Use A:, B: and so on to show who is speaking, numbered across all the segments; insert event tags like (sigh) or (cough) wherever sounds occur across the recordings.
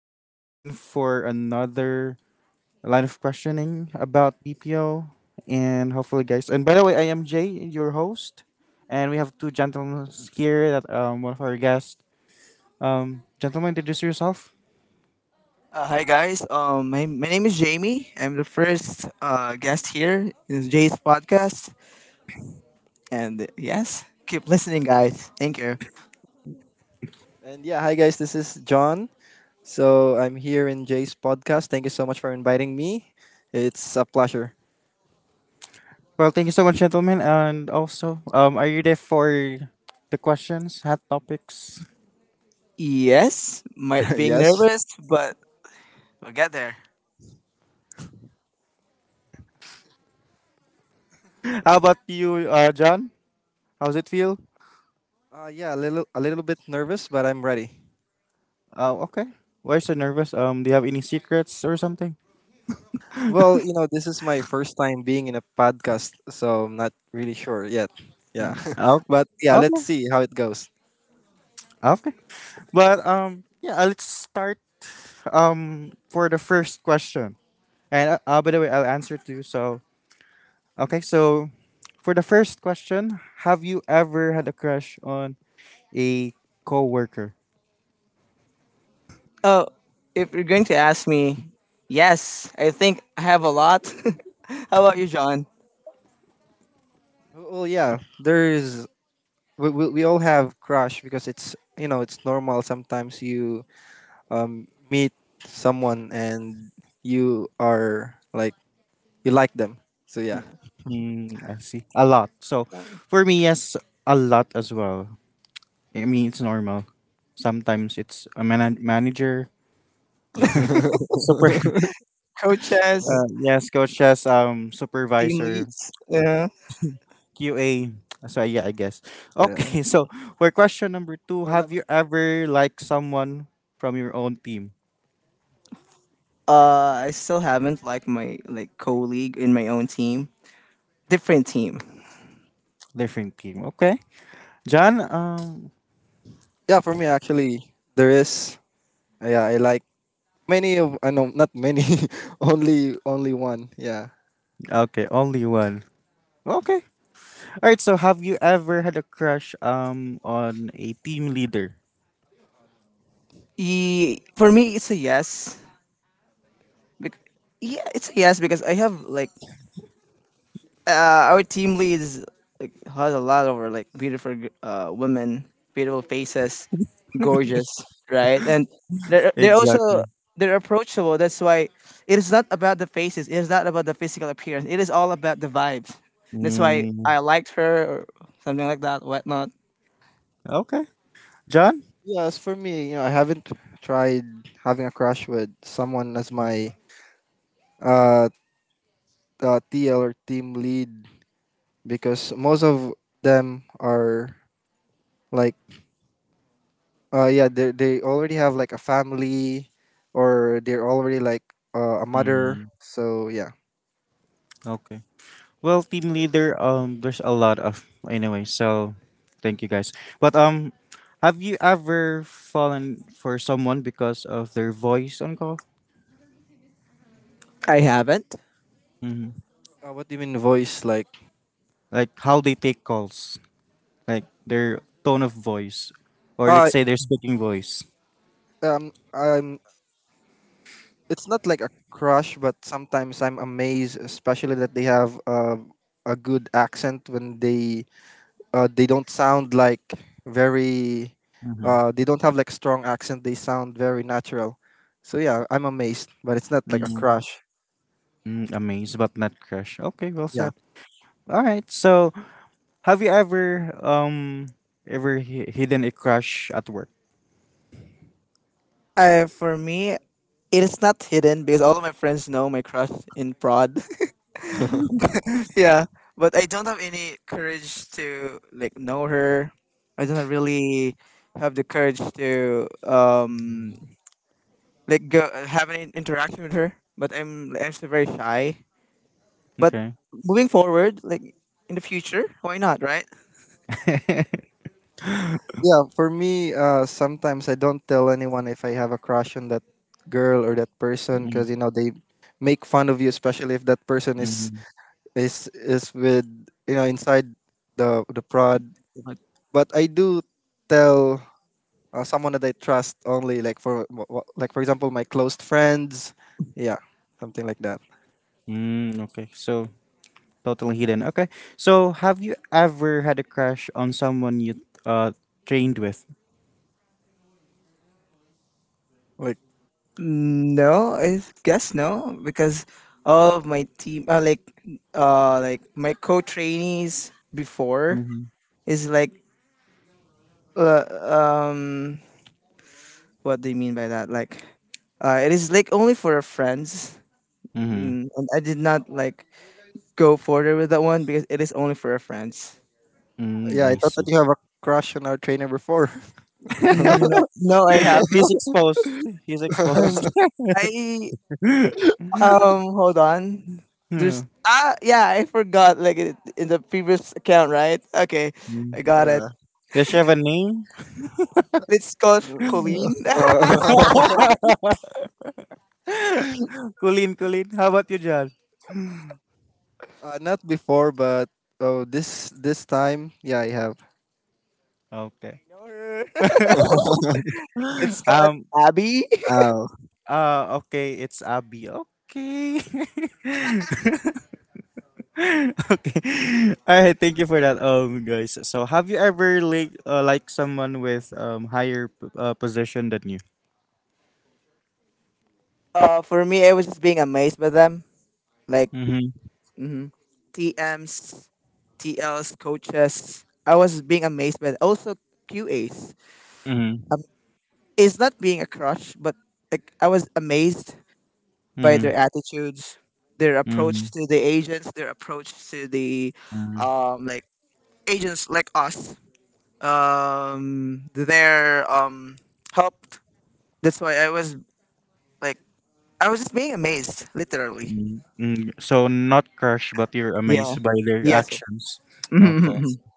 A: here we are again for another line of questioning about BPO. And hopefully, guys. And by the way, I am Jay, your host. And we have two gentlemen here that one of our guests. Gentlemen, introduce yourself.
B: Hi guys. My name is Jamie. I'm the first guest here in Jay's podcast. And yes, keep listening, guys. Thank you.
C: And yeah, hi guys, this is John. So I'm here in Jay's podcast. Thank you so much for inviting me. It's a pleasure.
A: Well, thank you so much, gentlemen. And also, are you there for the questions, hot topics? (laughs)
B: Yes, might
C: (laughs)
B: being
C: Yes.
B: nervous, but we'll get there.
A: How about you, John? How's it feel?
C: Yeah, a little bit nervous, but I'm ready.
A: Oh, okay. Why so nervous? Do you have any secrets or something?
C: Well, this is my first time being in a podcast, so I'm not really sure yet. Yeah,
A: Oh,
C: (laughs) but yeah, let's
A: okay,
C: see how it goes.
A: okay. But yeah. Let's start for the first question. And by the way, I'll answer too. So okay, so for the first question, have you ever had a crush on a coworker?
B: Oh, if you're going to ask me, yes, I think I have a lot. (laughs) How about you, John?
C: Well, yeah, there's we all have crush because it's it's normal. Sometimes you meet someone and you are like you like them. So yeah.
B: Yeah.
A: Mm, I see. A lot. So
B: Um,
A: for me, yes, a lot as well. I mean, it's normal. Sometimes it's a manager,
C: (laughs)
A: super (laughs)
B: Coaches,
A: Yes, coach as
B: team
A: supervisor
B: leads. Yeah.
A: QA. So yeah, I guess.
C: Yeah.
A: Okay, (laughs) so for question number two, have you ever liked someone from your own team,
B: I still haven't like my like colleague in my own team, different team.
A: different team? Okay, John.
C: Yeah, for me actually there is yeah, I like many of I know not many, (laughs) only one. Yeah.
A: Okay, only one. Okay. All right. So have you ever had a crush on a team leader?
B: For me, it's a yes. Bec- yeah, it's a yes because I have like our team leads like has a lot of like beautiful women, beautiful faces, gorgeous, right? And they're also
A: Exactly.
B: they're approachable. That's why it is not about the faces. It is not about the physical appearance. It is all about the vibes. That's why
A: Mm,
B: I liked her or something like that, whatnot.
A: okay, John.
C: Yeah, as for me, you know, I haven't tried having a crush with someone as my uh, TL or team lead because most of them are like yeah, they already have like a family or they're already like a mother.
A: Mm,
C: So yeah.
A: okay. Well, team leader, there's a lot of anyway. So, thank you guys. But have you ever fallen for someone because of their voice on call?
B: I haven't.
A: Hmm.
C: What do you mean voice like?
A: Like how they take calls, like their tone of voice, or let's
C: Uh,
A: say their speaking voice.
C: um, um, it's not like a crush, but sometimes I'm amazed, especially that they have a good accent when they don't sound like very
A: Mm-hmm.
C: they don't have like strong accent. They sound very natural. So yeah, I'm amazed, but it's not like a
A: Mm-hmm.
C: crush.
A: Mm, amazed but not crushed. Okay, well
C: Yeah,
A: said. All right. So, have you ever hidden a crush at work?
B: I for me, it is not hidden because all of my friends know my crush in prod. (laughs)
C: (laughs)
B: Yeah, but I don't have any courage to like know her. I don't really have the courage to like go have an interaction with her. But I'm still very shy. But
A: Okay.
B: moving forward, like in the future, why not, right?
A: (laughs)
C: yeah. For me, sometimes I don't tell anyone if I have a crush on that girl or that person because you know they make fun of you, especially if that person is
A: Mm-hmm.
C: is is with you know inside the prod,
B: But
C: but I do tell someone that I trust only, like for like for example my close friends, yeah, something like that,
A: Mm, okay. So totally hidden. Okay. So, have you ever had a crush on someone you uh trained with?
C: like.
B: no, I guess no, because all of my team, like my co trainees before
A: Mm-hmm.
B: is like uh, um what do you mean by that? Like, it is like only for our friends,
A: Mm-hmm.
B: and I did not like go further with that one because it is only for our friends.
A: Mm,
C: Yeah, I
A: I
C: thought that
A: see.
C: you have a crush on our trainer before.
B: No, no, I
A: (laughs) He's
B: haven't.
A: exposed. He's exposed.
B: And I
A: (laughs) Yeah.
B: hold on. There's
A: Mm.
B: ah, yeah, I forgot. Like it, in the previous account, right? Okay, I
C: (laughs)
B: got it.
C: Yeah.
A: Does she have a name?
B: Let's call her Colleen. (laughs)
C: (laughs)
A: (laughs) Colleen, Colleen. How about you, John?
C: Not before, but oh, this time yeah I have.
A: Okay.
B: Know her. (laughs) Let's call it
A: Um.
B: Abby.
C: Oh,
A: Okay. It's Abby. Okay. (laughs) Okay. All right. Thank you for that, guys. So, have you ever like someone with higher position than you?
B: For me, I was just being amazed by them. Like
A: Mhm,
B: hmm TMs, TLs, coaches. I was being amazed by that. Also QAs.
A: mhm,
B: Um, it's not being a crush, but like I was amazed by their
A: mhm,
B: attitudes, their approach
A: mhm,
B: to the agents, their approach to the
A: mhm,
B: like agents like us. Their help. That's why like I was just being amazed, literally.
A: mhm, mhm. So not crushed, but you're
B: Yeah.
A: amazed by their
B: Yes.
A: actions. Okay.
B: (laughs)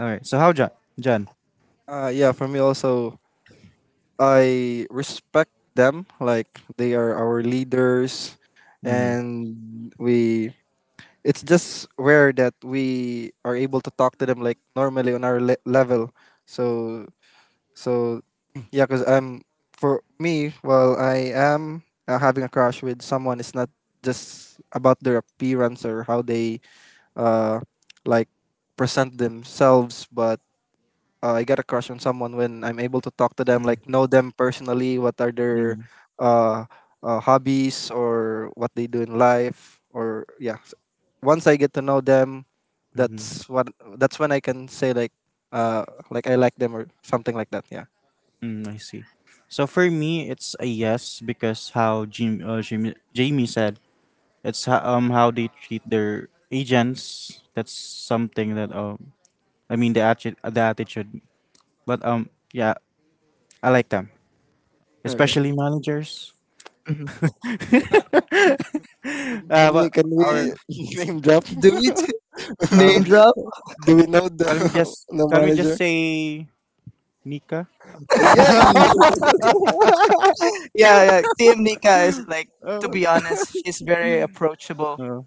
A: All right. So how John? John.
C: yeah, for me also, I respect them, like they are our leaders,
A: Mm-hmm.
C: and we, it's just rare that we are able to talk to them like normally on our level. So so yeah, because for me, while I am having a crush with someone, it's not just about their appearance or how they uh like present themselves, but I get a crush on someone when I'm able to talk to them, like know them personally, what are their
A: Mm-hmm.
C: uh, hobbies or what they do in life, or yeah. Once I get to know them,
A: Mm-hmm.
C: that's what that's when I can say, like I like them, or something like that. Yeah.
A: Mm, I see. So for me, it's a yes because how Jamie said, it's how they treat their agents. That's something that I mean the attitude. But yeah, I like them,
B: Okay.
A: especially managers.
B: Mm-hmm.
C: Can
A: (laughs) Uh,
C: can you
A: but
C: can we
A: or
C: (laughs) name drop?
B: Do we (laughs) name
A: um,
B: drop?
C: (laughs) do we know the
A: can we just
C: (laughs) The manager?
A: say Nika?
C: Yay!
B: Yeah, yeah. TM Nika is like, to
A: Uh,
B: be honest, she's very approachable,
A: uh,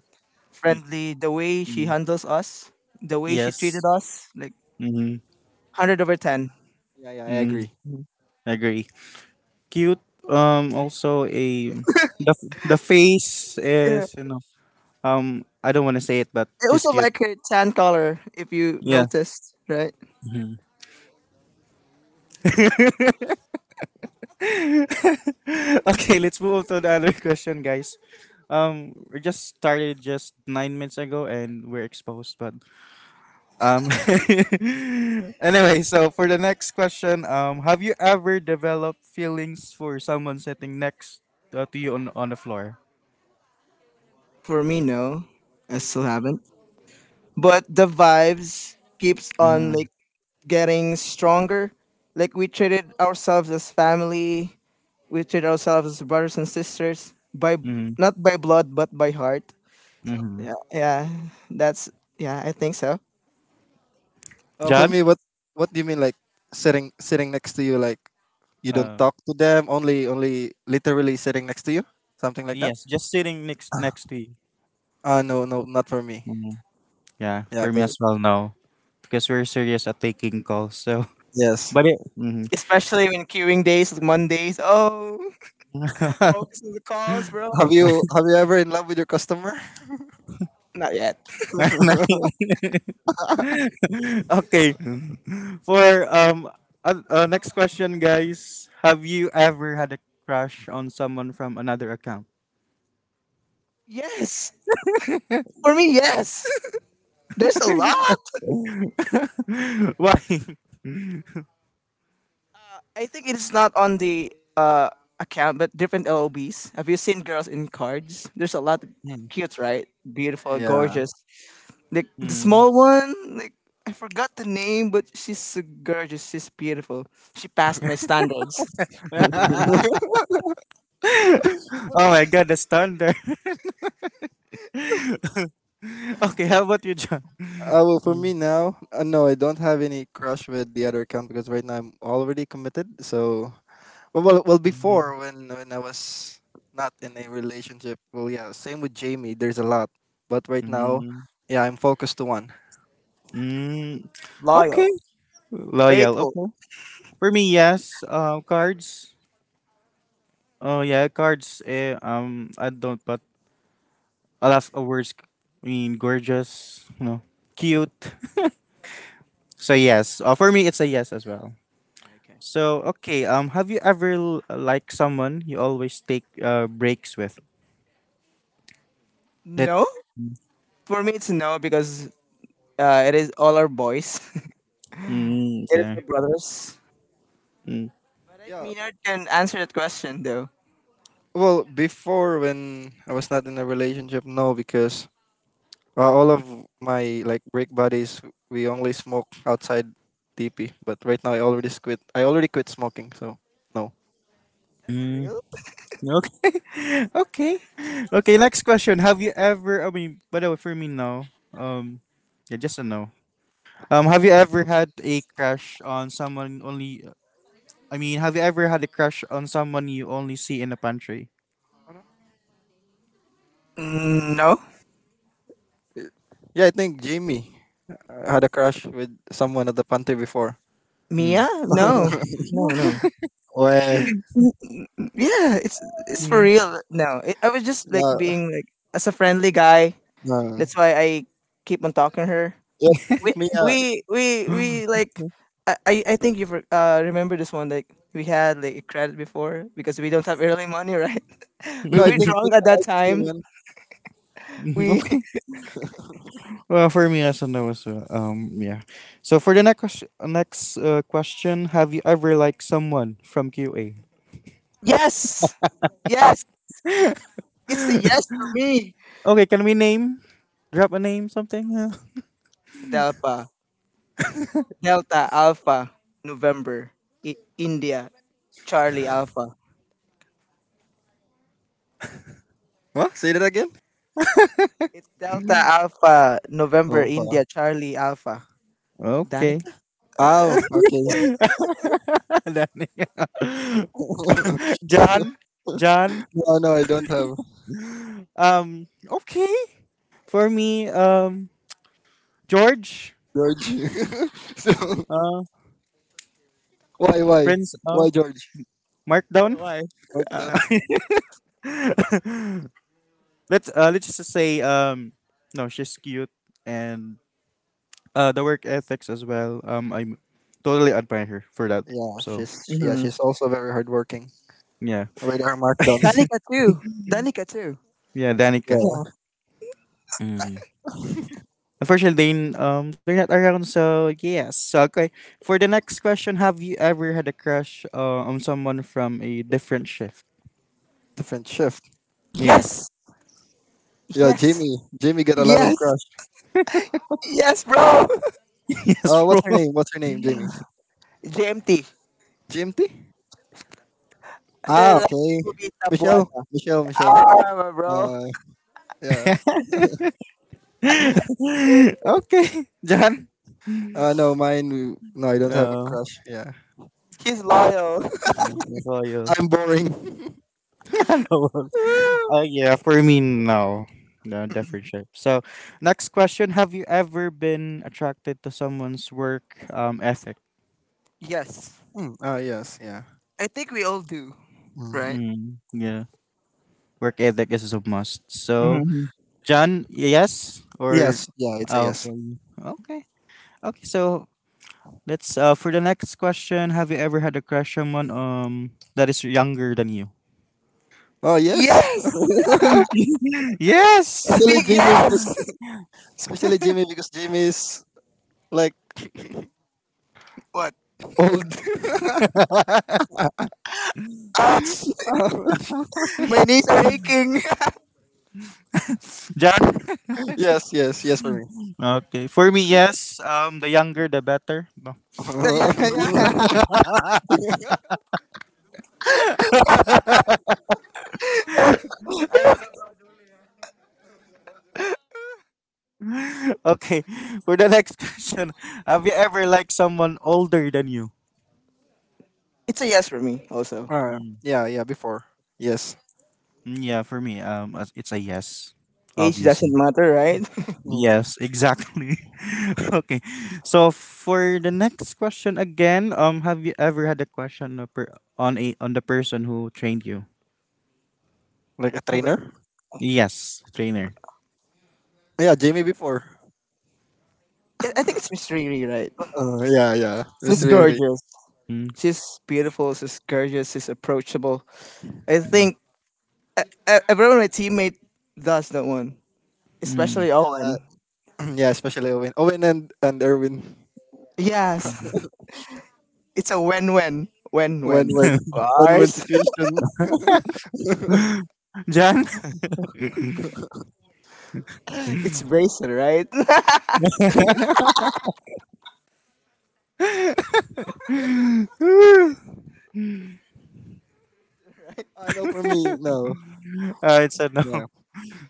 A: y-
B: friendly. The way she
A: mm,
B: handles us, the way she treated
A: yes.
B: us, like
A: Mm-hmm.
B: 100/10.
C: (laughs) Yeah, yeah, I
A: Mm,
C: agree.
A: I agree. Cute. Also a the the face
B: Yeah.
A: is you know I don't want to say it, but
B: I
A: she's
B: also
A: cute.
B: like her tan color, if you
A: Yeah.
B: noticed, right?
A: Mhm. (laughs) Okay, let's move on to the other question, guys. We just started just 9 minutes ago, and we're exposed, but Um, (laughs) anyway, so for the next question, have you ever developed feelings for someone sitting next to you on the floor?
B: For me, no, I still haven't. But the vibes keeps on
A: Mm-hmm.
B: like getting stronger. Like we treated ourselves as family. We treat ourselves as brothers and sisters, by
A: Mm-hmm.
B: not by blood but by heart.
A: Hmm.
B: Yeah, yeah, that's yeah, I think so.
C: For
A: John?
C: me, what do you mean, like sitting next to you? Like you don't
A: Uh,
C: talk to them, only literally sitting next to you, something like that.
A: yes, just sitting next to you.
C: No, no, not for me.
A: Mhm. Yeah,
C: Yeah,
A: for me as
C: 'cause-
A: well, no. Because we're serious at taking calls, so.
C: yes.
A: But it. Mhm.
B: Especially when queuing days, like Mondays. Oh, (laughs) focus on the calls, bro. (laughs)
C: Have you ever in love with your customer?
B: Not yet.
A: (laughs) (laughs) okay. For next question, guys. Have you ever had a crush on someone from another account?
B: Yes, for me, yes. (laughs) There's a
A: (laughs)
B: lot.
A: Why?
B: I think it is not on the uh, account, but different LOBs. Have you seen girls in cards? There's a lot.
C: Mm.
B: Cute, right? Beautiful,
C: Yeah.
B: gorgeous. Like the
A: Hmm.
B: small one, like I forgot the name, but she's so gorgeous. She's beautiful. She passed my standards.
A: (laughs)
C: (laughs)
A: Oh my god, the thunder. (laughs) Okay, how about you, John?
C: Well, for me
A: Mm,
C: now, no, I don't have any crush with the other account because right now I'm already committed. So, well before when I was not in a relationship, well, yeah, same with Jamie. There's a lot, but right now, yeah, I'm focused to one.
A: mm, okay.
B: Loyal,
A: Loyal.
B: faithful.
A: Okay. For me, yes. Cards. Oh yeah, cards. Eh, I don't. A lot of words. I mean, gorgeous. You know, cute. So yes, for me it's a yes as well.
B: Okay.
A: So okay, have you ever liked someone you always take breaks with? That
B: No, for me it's a no because it is all our boys. (laughs)
A: Mm,
B: It is my
A: okay.
B: brothers.
A: Mm,
B: But
C: Yeah.
B: Mina can answer that question though.
C: Well, before when I was not in a relationship, no, because all of my, like, break buddies, we only smoke outside TP. But right now, I already quit. I already quit smoking, so no.
B: Is that for
A: mm,
B: real?
A: okay. (laughs) Okay. Okay. Next question. Have you ever? I mean, by the way, for me, no. Yeah, just a no. Have you ever had a crush on someone only? I mean, have you ever had a crush on someone you only see in a pantry?
C: Ano?
B: Mm, no,
C: Yeah, I think Jamie had a crush with someone at the pantry before.
A: Hmm.
B: Mia, no, no, no.
C: Well,
B: Mm, yeah, it's for
A: Hmm.
B: real. No, I was just like
C: no,
B: being like as a friendly guy.
C: no.
B: That's why I keep on talking to her.
C: Yeah, I
B: we
C: think Mia.
B: we like I think you remember this one, like we had like a credit before because we don't have early money, right? (laughs) We
C: No, I
B: were
C: think
B: drunk at
C: Mia
B: that
C: likes you,
B: time.
C: man.
A: Mhm,
B: We
A: okay.
B: (laughs)
A: Well, for me, yes and no as well. Yeah. So for the next ques- next question, have you ever liked someone from QA?
B: Yes, yes, it's a yes for me.
A: Okay, can we name? Drop a name, something. Yeah.
B: Delta Delta Alpha November India Charlie Alpha.
C: What? Say that again.
B: It's Delta Alpha November
C: Oh, fuck.
B: India Charlie Alpha.
A: Okay.
B: Danica. (laughs) uh,
C: Oh, okay.
A: (laughs) That name.
C: (laughs)
A: (laughs) John. John.
C: no, no, I don't have.
A: Okay. For me, George.
C: George. (laughs) so
A: Uh,
C: why why
A: Prince.
C: why George?
B: oh,
A: Markdown.
B: why?
C: McDon?
B: uh,
A: (laughs) Let's let's just say no, she's cute and uh, the work ethics as well. I totally admire her for that.
C: Yeah,
A: So
C: she's
B: mhm.
C: also very hardworking
A: yeah,
C: with her markdowns.
B: Danica too Danica too.
A: yeah, Danica.
B: Yeah.
C: Yeah,
A: Mm. Unfortunately, they they're not around. So yes. So, okay. For the next question, have you ever had a crush on someone from a different shift?
C: different shift.
A: Yeah. (laughs)
B: Yes,
C: Yeah,
B: yes,
C: Jamie. Jamie got a lot of
B: yes,
C: crush.
B: yes, bro.
A: Yes, bro.
C: What's her name? What's her name, Jamie?
B: (laughs) JMT.
C: GMT?
B: Her
C: Ah,
B: last
C: okay.
B: movie is
C: Michelle.
B: Tabuada.
C: Michelle. Michelle.
B: Bro.
C: Uh, yeah.
A: (laughs) Okay, John.
C: No, mine. No, I don't have a
A: Oh,
C: crush. Yeah,
B: He's
A: okay.
B: loyal.
A: Yeah, that's all you.
C: I'm boring. (laughs)
A: (laughs) I know.
B: (laughs)
A: Oh yeah, for me, no. No, different shape. So, next question. Have you ever been attracted to someone's work ethic?
B: Yes.
C: Hmm. Ah, yes. Yeah.
B: I think we all do, right?
C: Mm.
A: Mm, yeah, work ethic is a must. So,
B: Mm-hmm.
A: John, yes? Or,
C: Yes. Yeah, it's a yes.
A: okay. Okay. Okay, so let's, for the next question, have you ever had a crush on someone that is younger than you?
C: Oh, yes.
B: Yes!
C: (laughs)
A: (laughs) Yes!
B: A
C: Actually,
B: big
A: (laughs)
C: Jamie, because
B: yes!
C: Especially Jimmy because Jimmy is like (laughs)
B: (laughs) What?
C: old.
B: Ouch!
C: (laughs)
B: (laughs) My knees are aching! (laughs)
A: John?
C: Yes, yes, yes for me.
A: Okay, for me, yes. The younger, the better. No.
C: (laughs)
B: Yeah, yeah.
A: Ay, magsabi. (laughs) Okay, for the next (laughs) question, have you ever liked someone older than you?
B: It's a yes for me, also.
A: Mm.
C: Yeah, yeah, before. Yes.
A: Mm, yeah, for me, it's a yes,
B: Age doesn't
A: obviously.
B: matter, right?
C: Mm.
A: Yes, exactly. (laughs) Okay, so for the next question again, have you ever had a question on per- on a on the person who trained you?
C: Like a
B: (laughs) Ever?
C: trainer?
A: Yes, trainer.
C: Yeah, Jimmy before.
B: I think it's Miss Riri, right?
C: Yeah, yeah. It's
B: She's
C: really
B: gorgeous.
A: Mm.
B: She's beautiful. She's gorgeous. She's approachable. I think everyone my teammate does that one,
A: Mm.
B: especially
C: yeah,
B: Owen.
C: (clears throat) yeah. Especially Owen and Erwin.
B: Yes, (laughs) it's a win-win,
C: When
B: win-win of
C: when
A: (laughs)
C: when when
B: ours,
C: situation.
A: John? (laughs)
B: (laughs) it's bracelet, right? (laughs)
C: I no, for me, no.
A: Uh, it's a no.
C: Yeah,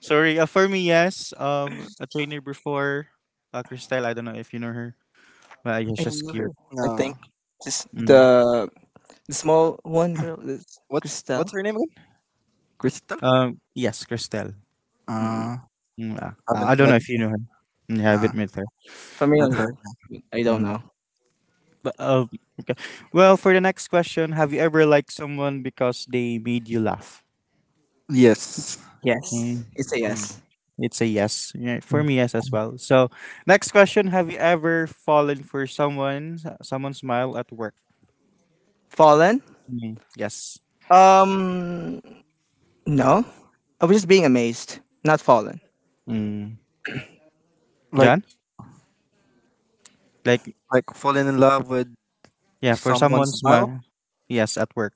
A: Sorry, for me, yes. A trainer before, Christelle. I don't know if you know her, but yeah,
B: I
A: she's
B: knew her.
A: cute.
B: I think
C: no.
B: just
A: Mm.
B: the small one girl is
C: What's
B: Christelle.
C: her name again? Crystal.
A: Yes, Christelle.
B: Mm,
C: Uh,
A: I
C: haven't
A: don't know
C: met.
A: if you know her. Mm, yeah, I
C: Nah,
A: haven't met her.
C: met her.
B: familiar? I don't
A: Mm.
B: know.
A: But okay. Well, for the next question, have you ever liked someone because they made you laugh?
C: Yes.
A: Mm.
B: Yes, it's a
C: Mm.
B: yes.
A: It's a yes. Yeah, for
B: Mm.
A: me, yes as well. So, next question: have you ever fallen for someone, someone's smile at work?
B: Fallen?
A: Mm. Yes.
B: Um, no. I was just being amazed, not fallen.
A: Mm.
C: Like
A: John, like
C: like falling in love with
A: yeah, for someone
C: someone's smile?
A: smile. Yes, at work.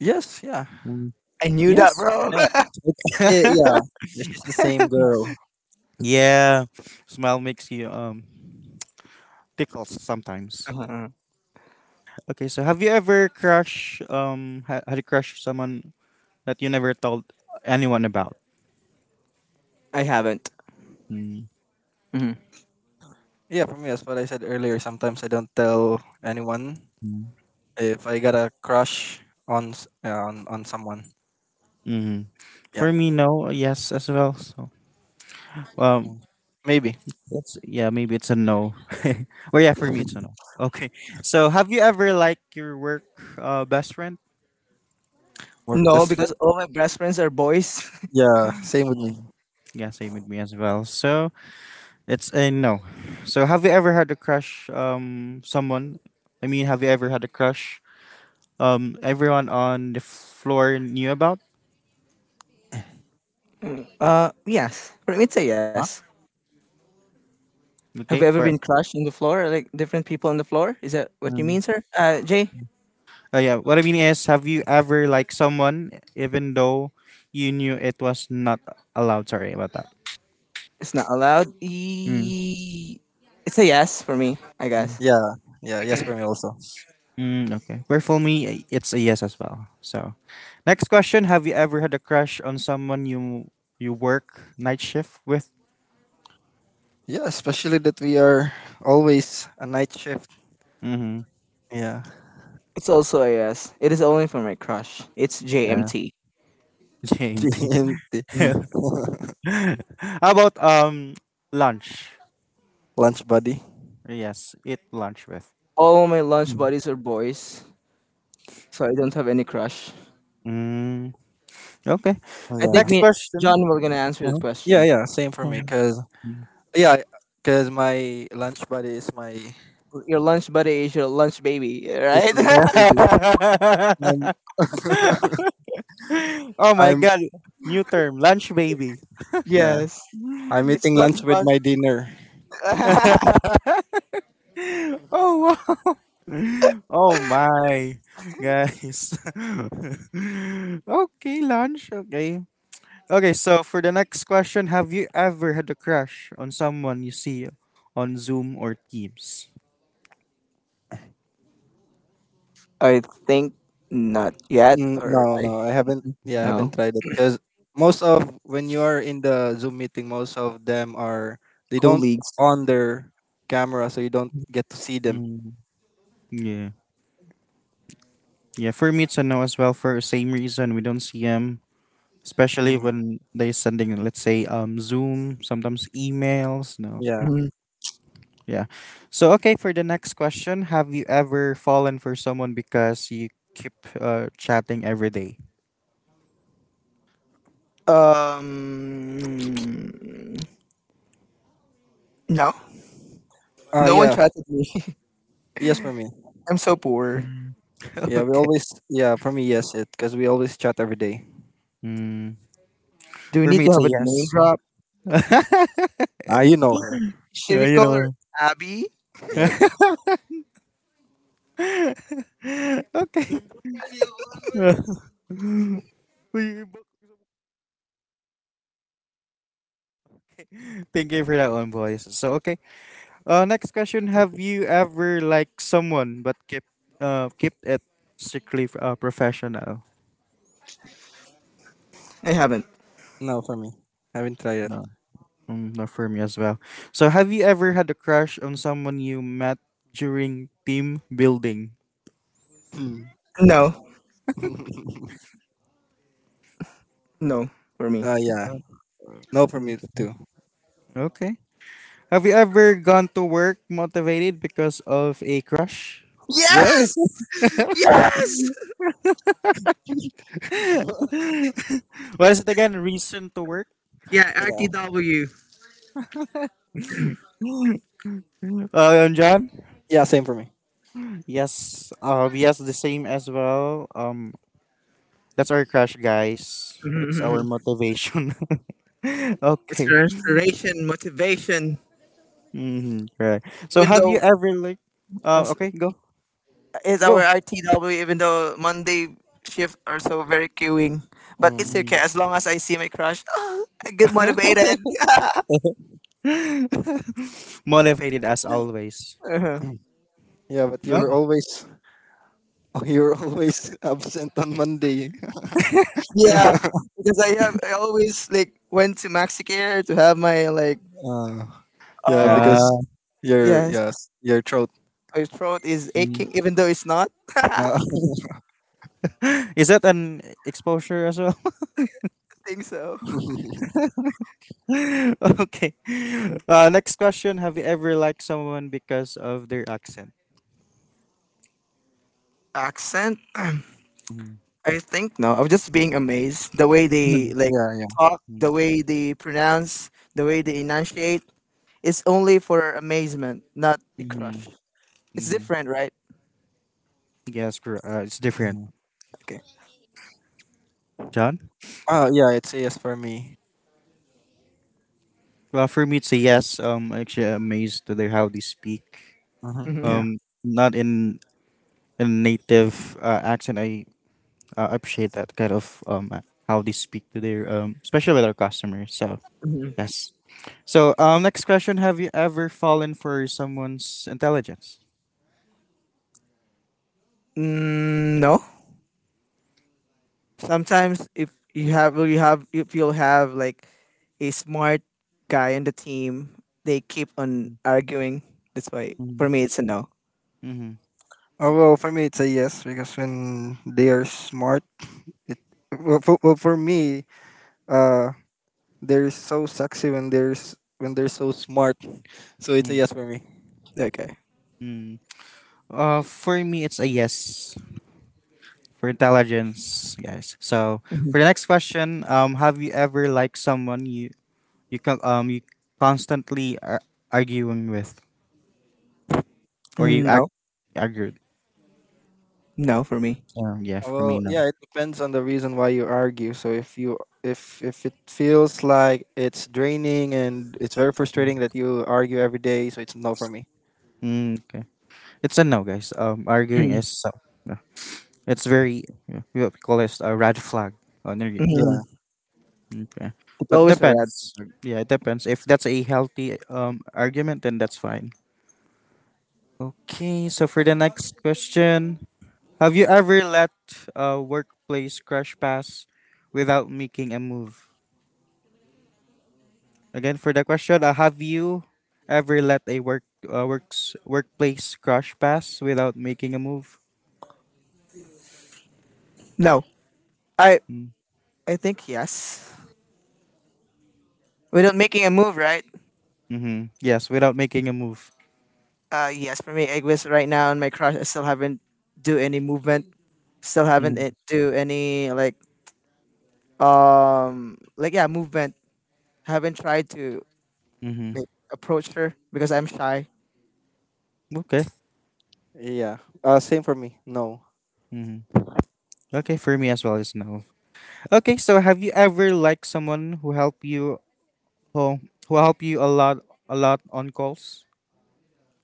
C: Yes, yeah.
A: Mm,
B: I knew that,
A: yes.
B: bro. (laughs)
C: Yeah. It's, eh,
A: (laughs)
C: yeah. Yeah, she's the same girl.
A: Yeah, smile makes you tickles sometimes.
B: Uh-huh.
A: Okay, so have you ever had a crush someone that you never told anyone about?
B: I haven't.
A: Mm-hmm.
B: Mhm.
C: Yeah, for me, that's what I said earlier. Sometimes I don't tell anyone if I got a crush on yeah, on someone.
A: Mm-hmm.
C: Yeah,
A: For me, no. Yes, as well. So um,
C: maybe.
A: that's yeah. Maybe it's a no. (laughs) Well, yeah, for me it's a
C: (laughs)
A: no. Okay. So have you ever liked your work best friend?
C: Work
B: No,
C: best friend.
B: because all my best friends are boys.
C: Yeah, same with me.
A: Mm. Yeah, same with me as well. So it's a no. So have you ever had a crush someone? I mean, have you ever had a crush everyone on the floor knew about?
B: (laughs) Yes. For me, it's a
C: Huh?
B: yes. Have you
A: Okay,
B: ever been
A: for
B: crushed on the floor, like different people on the floor? Is that what you
A: um,
B: mean, sir? Jay,
A: yeah, what I mean is have you ever liked someone even though you knew it was not allowed? Sorry about that.
B: it's not allowed.
A: Mm.
B: It's a yes for me, I
A: Mm,
B: guess.
C: Yeah, yeah, yes for me also.
A: mm, okay. Where for me, it's a yes as well. So, next question: have you ever had a crush on someone you work night shift with?
C: Yeah, especially that we are always a night shift.
A: Mm-hmm.
C: Yeah,
B: It's also a yes. It is only for my crush. It's
A: Yeah.
B: JMT.
A: (laughs)
C: (laughs)
A: JMT.
C: GMT. (laughs)
A: (laughs)
B: Mhm.
A: (laughs) How about lunch?
C: Lunch buddy.
A: Yes, eat lunch with.
B: All my lunch
C: Mm,
B: buddies are boys, so I don't have any crush.
A: Mm, okay.
B: I think
C: yeah.
A: Next
B: me,
A: question.
B: John, will gonna answer that
A: Mhm.
C: Yeah,
B: question.
C: yeah, same for me. 'Cause
A: (laughs)
C: yeah, 'cause my lunch buddy is my
B: Your lunch buddy is your lunch baby,
C: is
B: right?
C: like baby.
B: (laughs)
C: I'm
A: Oh my
C: I'm
A: god. New term, lunch baby.
C: yeah.
B: Yes.
C: I'm
B: It's
C: eating
B: not
C: lunch with
B: lunch.
C: my dinner.
A: (laughs)
B: (laughs)
A: Oh wow. (laughs) Oh my guys. (laughs) Okay, lunch. Okay. Okay, so for the next question, have you ever had a crush on someone you see on Zoom or Teams?
B: I think not yet,
C: Mm,
B: or
C: no,
B: I
C: no, I haven't. Yeah, I haven't
B: no,
C: tried it. 'Cause most of when you are in the Zoom meeting, most of them are they don't
B: colleagues.
C: on their camera, so you don't get to see them.
A: Mm. Yeah. Yeah, for me it's a no as well for the same reason we don't see them, especially
C: Mm,
A: when they sending let's say Zoom, sometimes emails, no.
C: yeah.
B: Mhm. (clears throat)
A: Yeah. So okay, for the next question, have you ever fallen for someone because you keep chatting every day?
B: Um, no, no one
C: Yeah.
B: chatted me. (laughs)
C: Yes, for me.
B: I'm so poor.
A: (laughs)
C: Yeah, we
A: Okay.
C: always. Yeah, for me, yes, it. 'Cause we always chat every day.
A: Mm.
B: Do we
A: For
B: need
A: me it's
B: to
A: a
B: have a name
A: yes.
B: drop?
A: (laughs)
C: Ah, you know her.
B: Should
A: Yeah,
B: we
A: you
B: call her
A: know.
B: Abby?
C: Yeah.
A: (laughs) (laughs) Okay. (laughs) We- Thank you for that one, boys. So okay. Next question: have you ever liked someone but kept it strictly professional?
B: I haven't.
C: No, for me, I haven't tried it.
A: No, mm, not for me as well. So have you ever had a crush on someone you met during team building?
C: Mm.
B: No,
C: (laughs)
B: no, for me.
C: Yeah.
A: Uh,
C: No for
A: mm,
C: me too.
A: okay. Have you ever gone to work motivated because of a crush?
C: Yeah.
B: Yes, yes.
C: (laughs)
A: (laughs) What is it again? Reason to work?
B: Yeah,
C: yeah.
B: RTW.
A: Uh, and John?
C: Yeah. Same for me.
A: Yes. Yes, the same as well. That's our crush, guys.
B: Mhm,
A: It's
B: mhm,
A: our
B: mhm.
A: motivation. (laughs)
B: (laughs) It's
A: Okay.
B: restoration, motivation.
A: Mm-hmm. Right. So,
B: Even
A: have you
B: though
A: ever like?
B: as
A: Okay, go.
B: is our
C: Go.
B: RTW, even though Monday shift are so very queuing. But it's
C: Mm.
B: okay
A: Mm.
B: as long as I see my crush, (laughs) (gasps) I get motivated.
A: (laughs) Motivated as always.
B: Uh-huh.
C: (clears throat) Yeah, but you
A: Nope.
C: were always (laughs) oh, you were always (laughs) absent on Monday. (laughs)
B: Yeah, because I always like went to Maxicare to have my, like,
C: Uh, yeah,
B: um
C: because
A: Uh,
C: your
B: yes,
C: yes your throat.
B: my throat is
A: mm.
B: aching even though it's not. (laughs) I
C: Uh, (laughs)
A: Is that an exposure as well?
B: think so.
A: (laughs) Okay. Next question: have you ever liked someone because of their accent?
B: Accent?
A: Mm-hmm.
B: I think no. I was just being amazed the way they
C: Mm.
B: like
C: Yeah, yeah.
B: talk, the way they pronounce, the way they enunciate. It's only for amazement, not a
A: Mm-hmm.
B: crush. It's
A: Mm-hmm.
B: different, right?
A: Yes, it's different.
C: Mm.
B: Okay.
A: John?
C: Yeah, it's a yes for me.
A: Well, for me, it's a yes. I'm actually amazed to their how they speak.
C: Hmm.
B: Mm-hmm.
C: Yeah.
A: Not in a native accent. I appreciate that kind of how they speak to their especially with our customers. So
B: Hmm.
A: yes. So next question: Have you ever fallen for someone's intelligence?
B: Mm, no. Sometimes if you have, you have, if you'll have like a smart guy in the team, they keep on arguing. That's why
A: Mm-hmm.
B: for me it's a no.
A: Mm-hmm.
C: Oh well, for me it's a yes because when they are smart, it well, for me, uh, they're so sexy when when they're so smart. So it's a yes for me.
B: Okay.
A: Mm-hmm. For me, it's a yes. For intelligence, guys. So
B: Mhm.
A: for the next question, have you ever liked someone you you constantly are arguing with, or you
B: Mm,
A: act
B: no.
A: argued?
B: No for me.
A: Yeah, for me,
C: Well,
A: no.
C: yeah, it depends on the reason why you argue. So if you if it feels like it's draining and it's very frustrating that you argue every day, so it's no for me.
A: Mm, okay, it's a no, guys. Arguing
B: Mm.
A: is so. No. It's very, yeah, we what we call this a red flag on your game.
C: Yeah.
B: Mhm.
A: Okay,
B: It's
A: but
B: always a red
A: depends.
B: flag.
A: Yeah, it depends. If that's a healthy argument, then that's fine. Okay, so for
C: Open the
A: the next question, have you ever let a workplace crash pass without making a move? Again, for the question, have you ever let a workplace crash pass without making a move?
B: No. I
A: Mm.
B: I think yes. Without making a move, right?
A: Mm-hmm. Yes, without making a move.
B: Yes, for me, Eggwiz right now and my crush, I still haven't do any movement. Still haven't
A: Mm.
B: do any, like, like, yeah, movement, haven't tried to
A: Mm-hmm.
B: like approach her because I'm shy.
A: Okay.
C: yeah. Same for me. No.
A: Mm-hmm. Okay, for me as well is no. Okay, so have you ever liked someone who help you who who help you a lot on calls?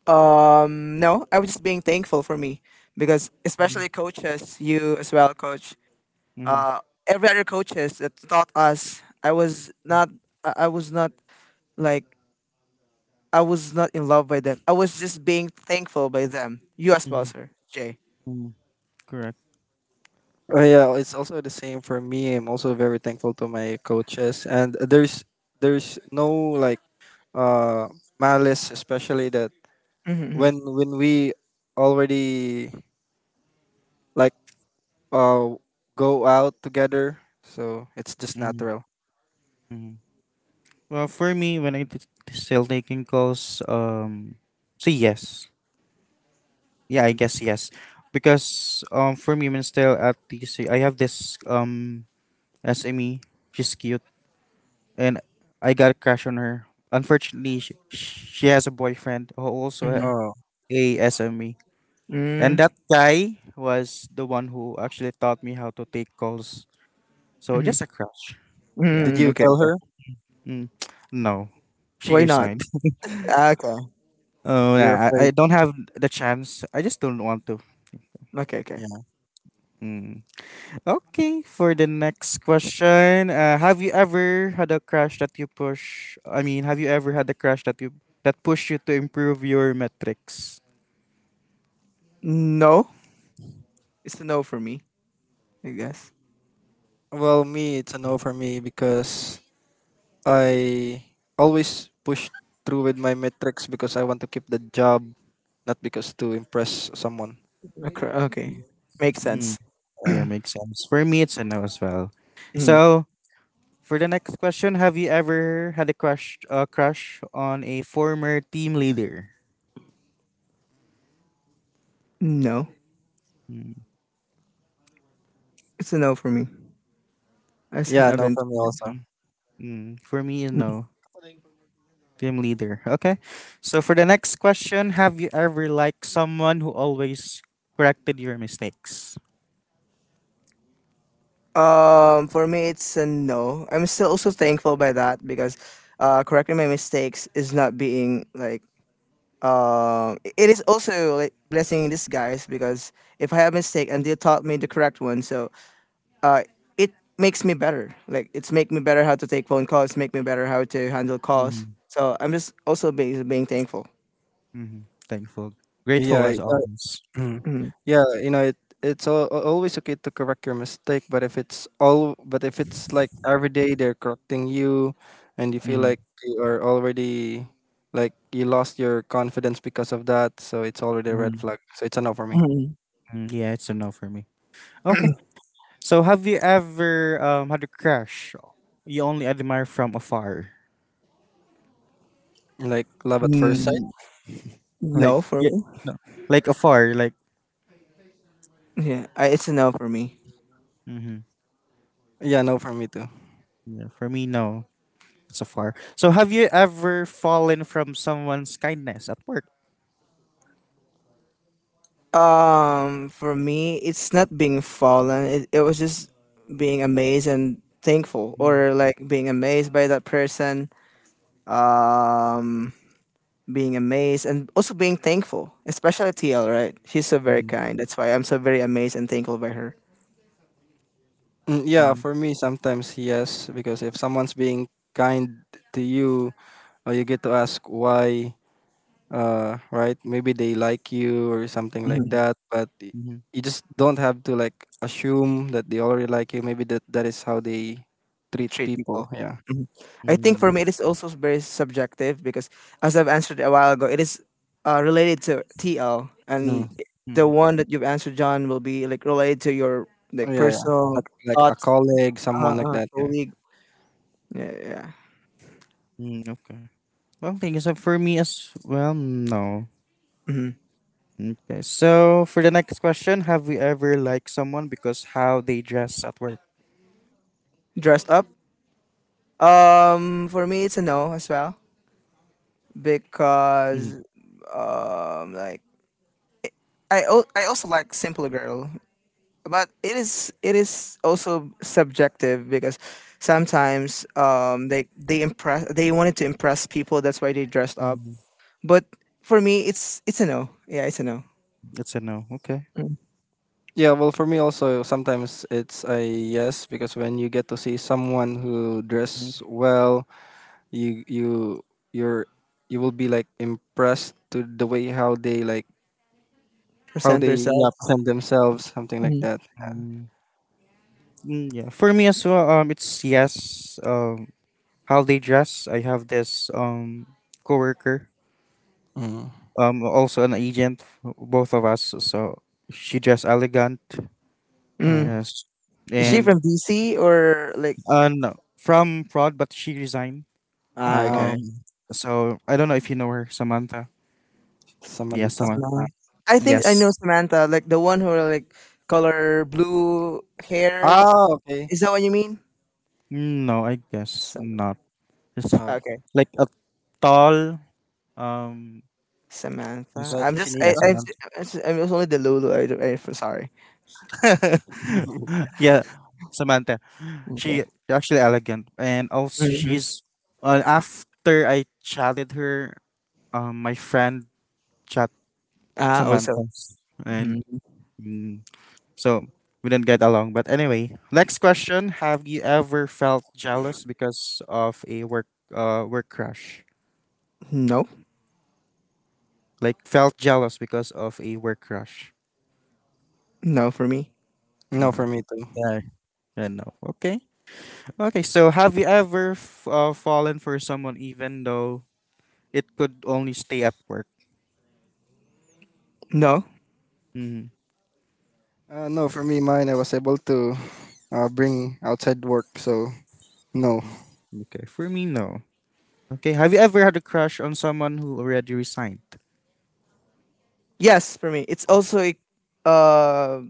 B: No, I was just being thankful, for me, because,
A: Mm-hmm.
B: especially, coaches, you as well, coach,
A: Mm-hmm.
B: uh every other coaches that taught us, I was not, like, I was not in love by them. I was just being thankful by them. You as well, sir Jay.
A: Mm-hmm. Correct.
C: Yeah, it's also the same for me. I'm also very thankful to my coaches, and there's no, like uh malice, especially that
B: Mm-hmm,
C: when we already, like uh go out together. So it's just
A: Mm-hmm.
C: natural.
A: Mm-hmm. Well, for me, when I'm still taking calls, so yes, yeah, I guess yes, because for me, when still at T C, I have this SME. She's cute, and I got a crush on her. Unfortunately, she has a boyfriend who also a
B: mm-hmm,
C: Oh,
A: SME,
B: mm-hmm,
A: and
B: mm-hmm.
A: that guy was the one who actually taught me how to take calls. So
B: Mm-hmm.
A: just a crush, yeah.
C: did
B: Mm,
C: you
B: okay,
C: tell her,
B: okay.
A: Mm. No, she
B: Why not?
A: resigned. (laughs)
B: Okay,
A: Oh,
C: you're
A: yeah, I
C: afraid?
A: don't have the chance. I just don't want to.
B: okay, okay,
C: Yeah.
A: Mm. Okay, for the next question, have you ever had a crush that you push? I mean, have you ever had a crush that you that pushed you to improve your metrics?
B: no. It's a no for me, I guess.
C: Well, me, it's a no for me, because I always push through with my metrics because I want to keep the job, not because to impress someone.
B: Okay. Makes
A: Mm,
B: sense.
A: yeah,
C: Yeah.
A: makes sense. For me, it's a no as well.
B: Mhm.
A: So, for the next question, have you ever had a crush on a former team leader?
B: No.
A: Mm,
B: It's a no for me. I
C: Yeah, no
B: haven't.
C: for me also.
A: mm, mm. For me, no.
B: (laughs)
A: Team leader. Okay. So for the next question, have you ever liked someone who always corrected your mistakes?
B: For me, it's a no. I'm still also thankful by that because correcting my mistakes is not being like. It is also like blessing in disguise because if I have mistake and they taught me the correct one, so uh, it makes me better. Like it's make me better how to take phone calls, make me better how to handle calls.
A: Mm-hmm.
B: So I'm just also being thankful.
A: Mm-hmm. Thankful. Grateful
C: Yeah.
A: as always.
C: Mm.
B: Mm,
C: Yeah, you know, it's always okay to correct your mistake, but if it's all, but if it's like every day they're correcting you, and you feel
A: Mm-hmm.
C: like you are already, like you lost your confidence because of that, so it's already a red
A: Hmm.
C: flag. So it's a no for me.
B: mm,
A: Yeah, it's a no for me. Okay. So have you ever had a crush you only admire from afar?
C: Like love at first sight.
B: mm,
A: Like
B: no for
A: yeah,
B: me.
A: no. Like afar, like
B: Yeah, it's a no for me.
A: mm-hmm.
C: Yeah, no for me too.
A: Yeah, for me no. It's afar. So have you ever fallen from someone's kindness at work?
B: For me, it's not being fallen. It was just being amazed and thankful, or
A: Mm-hmm.
B: like being amazed by that person. Um, being amazed and also being thankful, especially TL. Right? She's so very kind. That's why I'm so very amazed and thankful by her.
C: Mm, yeah, for me sometimes yes, because if someone's being kind to you, or you get to ask why, right, maybe they like you or something like
A: Mm-hmm.
C: that, but you just don't have to like assume that they already like you, maybe that is how they treat
B: Treat
C: people,
B: people.
C: yeah.
B: Mhm. I think
A: Mm,
B: for me, it is also very subjective because, as I've answered a while ago, it is related to TL, and
C: Mm.
B: the
A: mm,
B: one that you've answered, John, will be like related to your,
C: Oh,
B: like,
C: yeah, yeah,
B: personal
C: like a
B: thoughts,
C: colleague, someone like that, yeah.
B: colleague. Yeah, yeah.
A: mm, okay. Well, thank you. So for me as well, no.
B: Hmm.
A: Okay. So for the next question, have we ever liked someone because how they dress at work?
B: Dressed up. For me, it's a no as well
A: Mm-hmm.
B: because, like, I also like simple girl, but it is also subjective because sometimes they wanted to impress people, that's why they dressed up. But for me, it's a no, yeah, it's a no.
A: It's a no. Okay.
C: Yeah, well for me also sometimes it's a yes because when you get to see someone who dress well, you you you're you will be like impressed to the way how they like, how
B: Present
C: they yeah
B: yourselves.
C: present themselves, something like
B: mm
C: that.
A: Mm, mm, yeah. For me as well, it's yes. How they dress. I have this coworker,
C: Mm.
A: also an agent. Both of us. So she dressed elegant.
B: mm
C: Mm.
A: Yes.
B: is she
C: And
A: And
B: from DC, or like?
A: no, from fraud, but she resigned.
C: ah,
B: Okay,
A: Um,
C: okay.
A: so I don't know if you know her, Samantha. Yes,
C: Samantha.
A: Samantha.
C: Ah,
B: Samantha. I think I know
A: Yes.
B: Samantha, like the one who are like color blue hair.
C: ah, okay.
B: Is that what you mean?
A: Mm, no, I guess
B: Sa-
A: not. It's
C: Ah,
B: okay,
A: like a tall. Um.
B: Samantha.
A: s-
C: like
A: Yeah,
C: Chinita.
A: Samantha.
B: I'm just only the lulu. Sorry.
C: (laughs)
A: (laughs) Yeah, Samantha. She actually elegant, and also
B: Mhm.
A: she's. After I chatted her, my friend chat
B: Also.
A: Samantha,
B: Mhm.
A: and. Mm. So we didn't get along. But anyway, next question: Have you ever felt jealous because of a work crush?
B: No,
A: Like felt jealous because of a work crush?
B: no for me.
C: No,
A: Mm-hmm.
C: for me too.
A: Yeah, I know. Okay, okay. So have you ever fallen for someone even though it could only stay at work?
B: No.
A: Mm-hmm.
C: No, for me, mine. I was able to bring outside work, so no.
A: Okay, for me, no. Okay, have you ever had a crush on someone who already resigned?
B: Yes, for me. It's also a uh,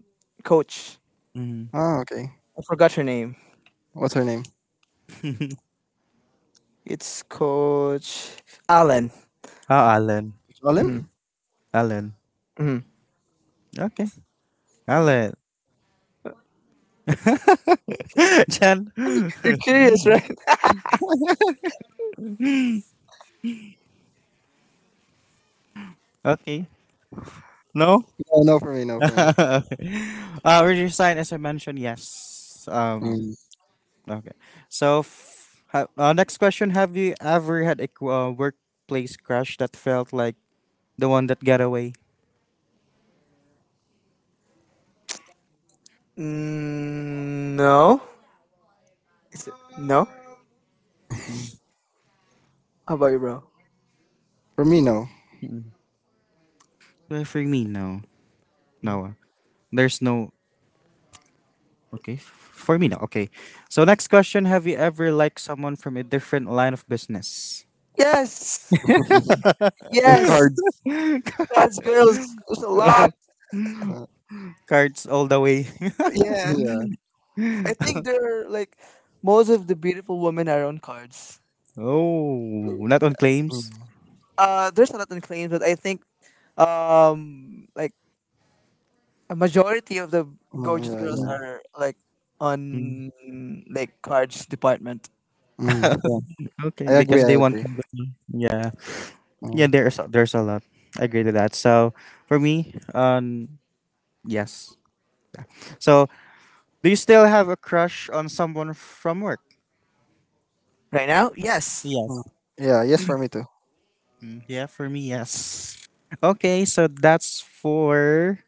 B: coach.
A: Mm-hmm.
C: Ah, okay.
B: I forgot her name.
C: What's her name?
B: It's Coach Allen.
A: Oh, Alan. What?
C: Jolin?
B: hmm
A: Alan.
B: hmm
A: Okay, Alan. (laughs) Jan.
B: You're
A: (laughs)
B: curious, right?
A: Okay. No? (laughs)
C: No, no, for me, no, for
A: Okay.
C: me.
A: Uh, reduce sign, as I mentioned, yes. Um,
C: Mm.
A: okay. So, next question: Have you ever had a workplace crush that felt like the one that got away?
B: No. Is it, no.
A: Hmm.
B: How about you, bro?
C: For me, no.
A: Well, for me, no.
B: Mm.
A: No. Uh, there's no. Okay. For me, no. Okay. So, next question: Have you ever liked someone from a different line of business?
B: Yes,
C: (laughs) From
B: yes.
A: (laughs)
C: cards.
B: Cause girls, there's a
C: Uh,
B: lot.
C: uh,
A: Cards all the way. (laughs)
B: Yeah,
C: yeah.
B: I think they're like most of the beautiful women are on cards.
A: Oh, not on claims.
C: Mm.
B: There's a lot of claims, but I think like a majority of the
C: Mm,
B: gorgeous
C: yeah,
B: girls
C: yeah.
B: are like on like cards department
C: Mm, yeah.
A: Okay,
C: I agree.
A: because they
C: I
A: want
C: agree.
A: company. Yeah. Yeah,
C: Mm,
A: there's a lot. I agree to that. So for me, yes. So do you still have a crush on someone from work?
B: right now. Yes.
C: mm.
A: Yes.
C: Yeah. Yes, for me too.
A: Mm. Yeah, for me, yes. Okay, so that's for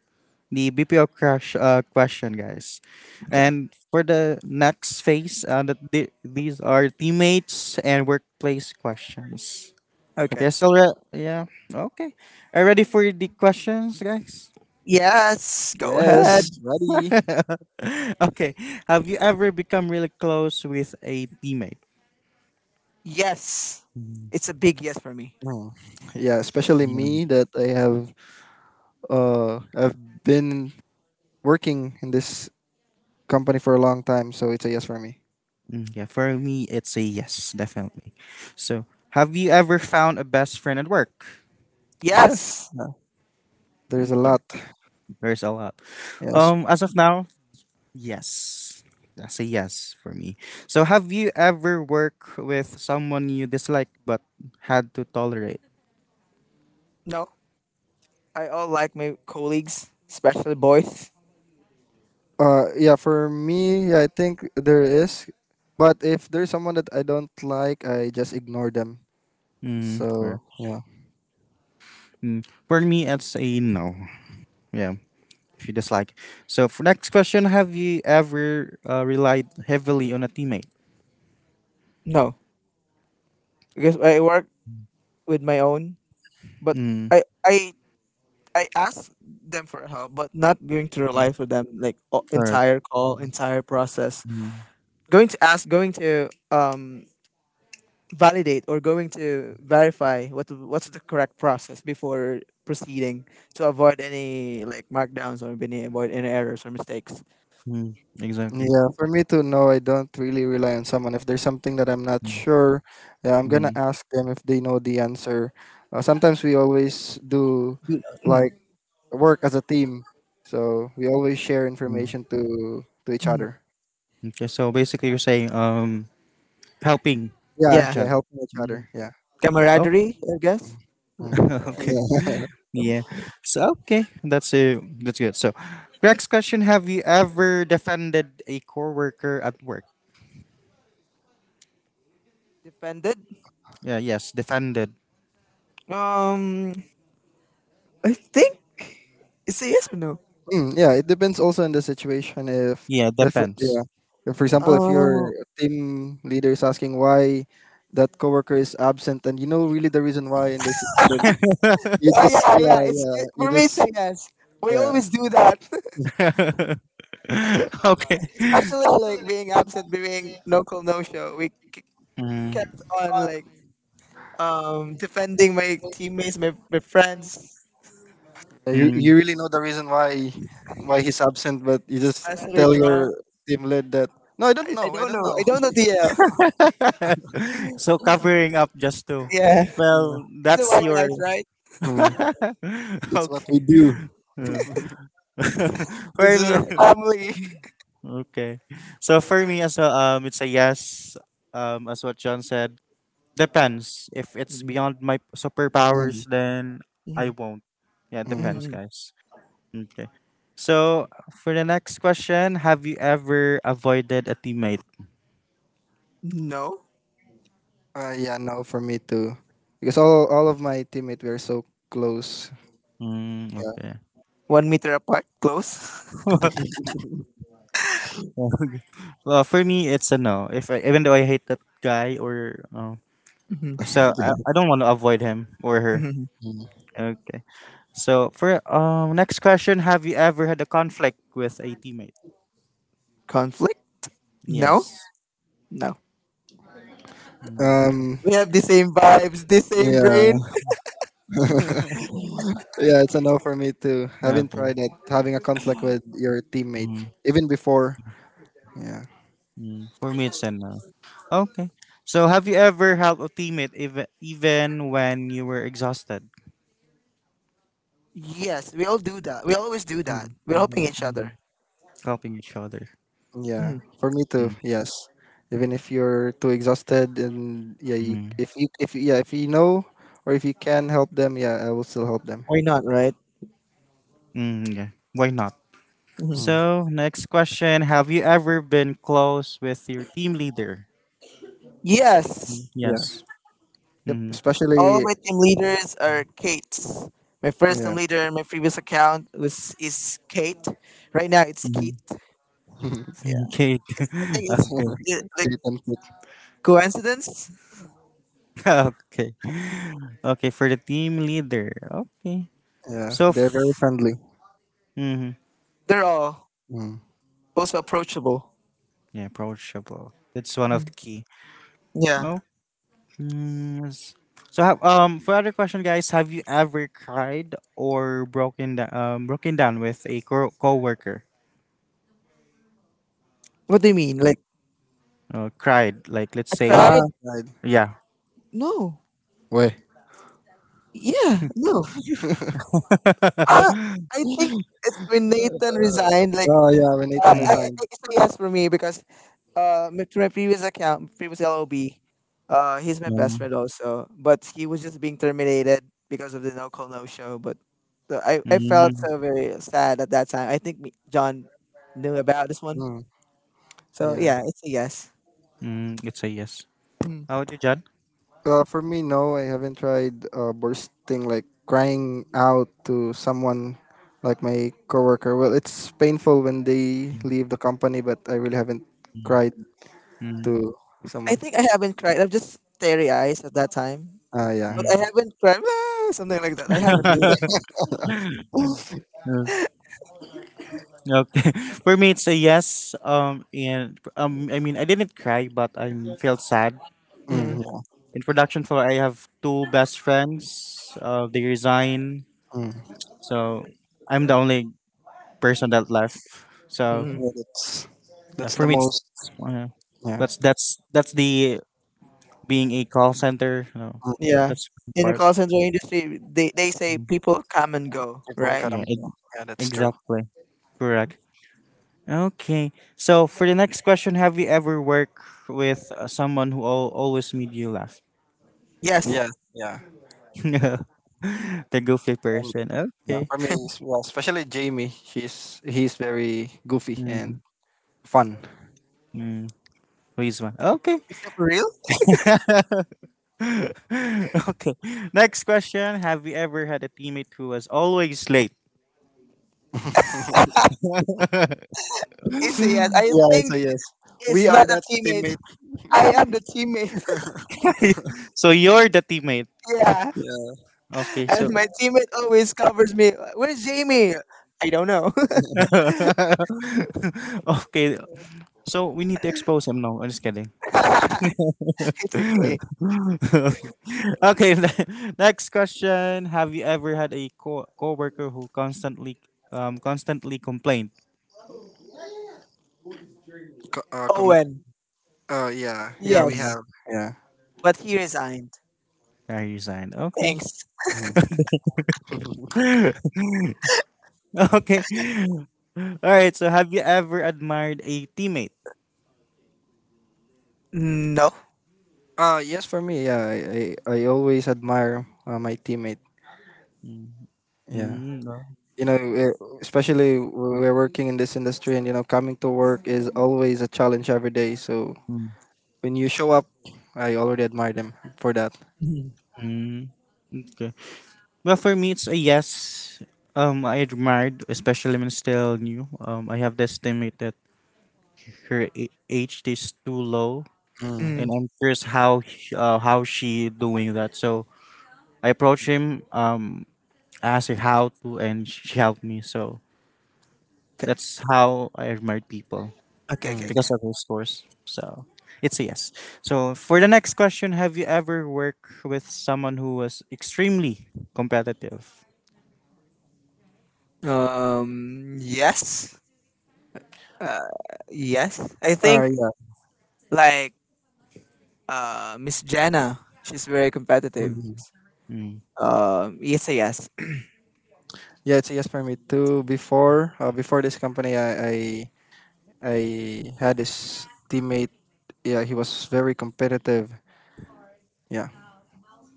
A: the BPO crush uh, question, guys.
B: Okay.
A: And for the next phase, these are teammates and workplace questions.
B: Okay.
A: Okay, so yeah, okay. Are you ready for the questions, guys?
B: Yes. Go ahead.
C: Yes. Ready.
A: (laughs) Okay. Have you ever become really close with a teammate?
B: Yes.
A: Mm.
B: It's a big yes for me.
C: Mm. Yeah, especially
A: Yeah.
C: me that I've been working in this company for a long time, so it's a yes for me.
A: Mm, yeah, for me, it's a yes, definitely. So, have you ever found a best friend at work?
C: Yes.
B: Yes.
C: Yeah. There's a
A: Okay,
C: lot.
A: there's a lot.
C: Yes.
A: As of now, yes. That's a yes for me. So, have you ever worked with someone you dislike but had to tolerate?
B: No. I all like my colleagues, especially boys.
C: Yeah, for me, yeah, I think there is. But if there's someone that I don't like, I just ignore them.
A: Mm,
C: So,
A: correct.
C: yeah.
A: Mm, for me, it's a no. Yeah, if you dislike. So for next question, have you ever relied heavily on a teammate?
B: No, because I work with my own, but
A: Mm,
B: I I I asked them for help, but not going to
A: mm,
B: rely for them like
A: correct.
B: entire call,
C: Mm.
B: entire process.
A: Mm,
B: Going to ask, going to validate or going to verify what's the correct process before proceeding to avoid any like markdowns or any avoid any errors or mistakes.
A: mm, exactly.
C: Yeah, for me to know, I don't really rely on someone. If there's something that I'm not
A: Mm,
C: sure, yeah, I'm gonna
A: mm,
C: ask them if they know the answer. Sometimes we always do, like
B: Mhm,
C: work as a team. So we always share
A: mm.
C: information to each
B: mhm.
C: other.
A: Okay, so basically you're saying helping
C: Yeah,
A: each
B: Yeah,
C: yeah,
A: other.
C: helping each
A: Mm.
C: other. Yeah.
A: Oh,
B: camaraderie, I guess.
C: Mm, mm.
A: (laughs) okay.
C: Yeah.
A: Yeah. So okay, that's good. So next question, have you ever defended a coworker at work?
B: Defended.
A: Yeah, yes, defended.
B: Um, I think it's a yes or no.
C: Mm, yeah, it depends also on the situation.
A: Yeah,
C: If
A: depends.
C: yeah, if, for example, if your
B: Uh,
C: team leader is asking why that coworker is absent, and you know really the reason why, in this, and then you
B: Oh
C: just
B: yeah, (laughs) yeah.
C: yeah
B: It's
C: yeah
B: it,
C: you
B: for me. It's a
C: just
B: yes. We
C: yeah.
B: always do that,
A: (laughs) Okay.
B: (laughs) especially like being absent, being no call, no show.
A: Mm,
B: Kept on like defending my teammates, my friends,
C: Yeah, you
A: mm,
C: really know the reason why he's absent, but you just
B: especially
C: tell your
B: drunk.
C: team lead that no, I don't
B: I
C: know, I
B: don't
C: don't
B: know.
C: know.
B: I don't
C: (laughs)
B: know DL.
A: (laughs) so covering up just to
B: (laughs) Yeah,
A: well
B: it's a
A: that's
B: white
A: your
B: life, right?
C: Mm.
A: (laughs)
C: That's what we
A: okay.
C: do.
A: Uh,
C: (laughs)
A: (laughs)
B: This
A: for
B: is
A: me
B: our
A: (laughs)
B: family. (laughs)
A: okay, so for me as well it's a yes, um, as what John said, depends. If it's
B: Mhm,
A: beyond my superpowers
C: Mm,
A: then I
B: mhm,
A: won't. Yeah, it
C: mm.
A: depends,
B: mhm.
A: guys. Okay, so for the next question, have you ever avoided a teammate?
B: No,
C: Yeah, no, for me too, because all of my teammates were so close.
A: Mm,
C: Yeah.
A: okay.
B: one meter apart, close.
C: (laughs)
A: (laughs) (laughs) Well, for me, it's a no. If I, even though I hate that guy or
B: (laughs) Mhm,
A: so I don't want to avoid him or her.
B: mhm.
C: Mm.
A: Okay. So for next question, have you ever had a conflict with a teammate?
B: Conflict? No,
A: Yes.
B: no.
A: Mm.
C: Um.
B: We have the same vibes, the same brain.
C: Yeah. (laughs) Yeah, it's a no for me too. Haven't
A: Okay.
C: tried it. Having a conflict with your teammate,
A: Mm.
C: even before. Yeah.
A: Mm. For me, it's a no. Okay. So have you ever helped a teammate even when you were exhausted?
B: Yes, we all do that. We always do that.
C: Hmm.
B: We're
A: Mm,
B: helping each other.
A: mm. Helping each other.
C: Yeah,
B: Mhm.
C: for me too.
A: Mm,
C: Yes, even if you're too exhausted, and yeah,
A: mm,
C: you if yeah if you know or if you can help them, yeah, I will still help them.
B: Why not, right?
A: mm, yeah. Why not?
B: Mhm.
C: Mm.
A: So, next question: Have you ever been close with your team leader?
B: Yes,
C: Yeah.
A: Yes.
C: Yep.
A: Mm-hmm.
B: all of
C: Especially.
B: my team leaders are Kate's. My first
C: Yeah.
B: team leader in my previous account was is Kate. Right now it's
A: Mm-hmm.
B: Keith. So
C: (laughs)
B: yeah,
A: Okay.
B: it's,
A: (laughs)
B: I think it's
A: Okay. (laughs)
B: it, like
C: Kate and Kit.
B: coincidence.
A: Okay. Okay, for the team leader. Okay.
C: Yeah,
A: So,
C: they're very friendly.
A: mhm.
B: They're all
C: Mm.
B: also approachable.
A: Yeah, approachable. That's one of the
B: Mhm.
A: key.
B: Yeah.
A: Well, mm, so have, um, for other question, guys, have you ever cried or broken down with a co coworker?
B: What do you mean? Like
A: Cried, like let's
B: I
A: say,
B: cried?
C: Ah, right.
A: yeah.
B: No.
C: Way.
B: Yeah. No.
C: (laughs)
B: Uh,
A: (laughs)
B: I think it's when Nathan resigned. Like
C: Oh yeah, when Nathan
A: Mm,
C: resigned.
B: it's a yes for me because my- to my previous account previous LOB he's my best
A: yeah.
B: friend also but he was just being terminated because of the no call no show but I felt
A: Mm,
B: so very sad at that time. I think me, John knew about this one,
C: Mm.
B: so
C: Yeah.
B: yeah, it's a yes.
A: mm, it's a yes.
B: Mm.
A: How about you, John?
C: For me, no, I haven't tried bursting, like crying out to someone like my coworker. Well, it's painful when they
A: Mm,
C: leave the company, but I really haven't cried
A: mm,
C: to
B: I
C: someone.
B: think I haven't cried, I'm just teary eyes at that time,
C: Yeah.
B: but I
A: mm.
B: haven't cried "Ah," something like that. I haven't do that
A: (laughs)
B: one.
A: Mm, okay. (laughs) For me, it's a yes. And I mean, I didn't cry, but I felt sad.
C: Mm,
B: Mm.
C: yeah.
A: In production for I have two best friends. They resign,
C: Mm.
A: so I'm the only person that left. So
B: Mm.
C: Yeah. That's that's
A: for
C: the
A: me, it's
C: most. Yeah.
A: that's that's the being a call center. You know,
C: Mm,
B: Yeah,
A: that's the
B: in the
A: part.
B: call center industry they say
A: Mm,
B: people come and go,
C: people
B: right?
C: cut 'em
A: yeah,
C: off. Yeah, that's true.
A: exactly. Correct. Okay. So for the next question, have you ever worked with someone who always made you laugh?
C: Yes.
B: Yes,
C: Yeah.
A: (laughs) The goofy
C: Um,
A: person.
C: yeah.
A: Okay.
C: For me, yeah, especially Jamie, she's he's very goofy
A: Mm-hmm.
C: and fun.
A: Mm-hmm. Please one. Okay.
B: is that for real?
A: (laughs) Okay. Next question. Have you ever had a teammate who was always late?
C: (laughs)
B: It's a yes. I
C: Yeah. So
B: think
C: yes,
B: it's
C: we are
B: not a
C: that
B: teammate.
C: teammate.
B: I am the teammate.
A: (laughs) So you're the teammate.
B: (laughs) Yeah.
C: Yeah.
A: Okay,
B: And my
A: so
B: teammate always covers me. Where's Jamie? I don't know.
A: (laughs) okay. So we need to expose him. No, I'm just kidding.
B: (laughs) It's okay.
A: (laughs) Okay, (laughs) next question. Have you ever had a coworker who constantly complained?
C: Co- uh, com-
B: Owen.
C: yeah. Yeah, we
B: Yes.
A: Mm,
C: have. Yeah.
B: But he resigned.
A: I resigned. Okay.
B: Thanks.
C: Mhm.
A: (laughs) Okay. All right. So, have you ever admired a teammate?
B: No.
C: Yes, for me, yeah, I always admire my teammate.
A: Mm,
C: Yeah,
A: mm, no.
C: you know, especially when we're working in this industry, and you know, coming to work is always a challenge every day. So
A: Mm,
C: when you show up, I already admire them for that.
B: Mhm.
A: mm, okay. Well, for me, it's a yes. I admired, especially when still new. I have this teammate that her age is too low,
C: Mm,
A: and
B: Mm.
A: I'm curious how how she doing that. So I approached him, asked her how to, and she helped me. So
B: Okay,
A: that's how I admired people
B: okay, okay.
C: mm.
A: because
B: okay.
A: of those scores. So it's a yes. So for the next question, have you ever worked with someone who was extremely competitive?
B: Yes. Yes. I think
C: Yeah,
B: like Miss Jenna, she's very competitive.
C: mhm.
A: Mm,
B: It's a yes.
C: Yeah, it's a yes for me too. Before, before this company, I had this teammate. Yeah, he was very competitive. Yeah. (laughs)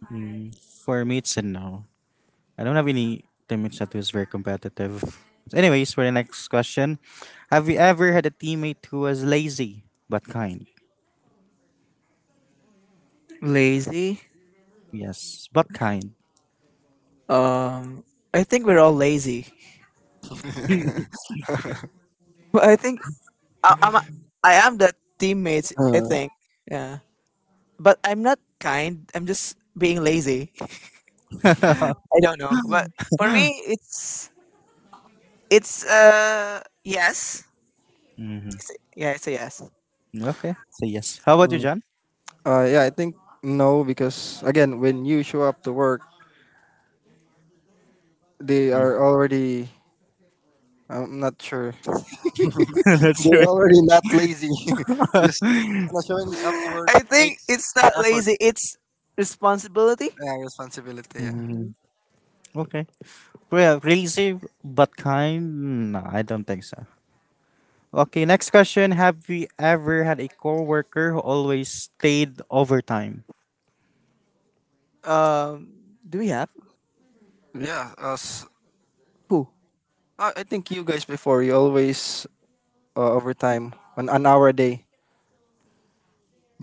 A: mm. For me, it's a no. I don't have any teammates that was very competitive. Anyways, for the next question, have you ever had a teammate who was lazy but kind?
B: (clears throat) Lazy.
A: Yes, but kind.
B: Um, I think we're all lazy. (laughs)
A: (laughs)
B: But I think I, I'm a- I am the teammates. I
C: Uh,
B: think yeah, but I'm not kind. I'm just being lazy. (laughs) I don't know, but for me, it's yes,
A: Mhm.
B: yeah, it's a yes.
A: Okay, so yes. How about you,
C: mm.
A: John?
C: Yeah, I think no, because again, when you show up to work, they
A: Mm.
C: are already, I'm not sure,
A: (laughs)
C: (laughs)
A: Not
C: they're
A: sure.
C: already not lazy. (laughs) Just you know,
A: (laughs)
B: (laughs)
C: showing up to work
B: I think
C: takes
B: it's not
C: effort,
B: lazy. It's responsibility.
C: yeah, responsibility. Yeah.
A: Mm, okay. Well, crazy but kind? No, I don't think so. Okay, next question. Have you ever had a coworker who always stayed overtime?
B: Um, do we have
C: Yeah. Us,
B: who?
C: I think you guys before, you always overtime on an hour a day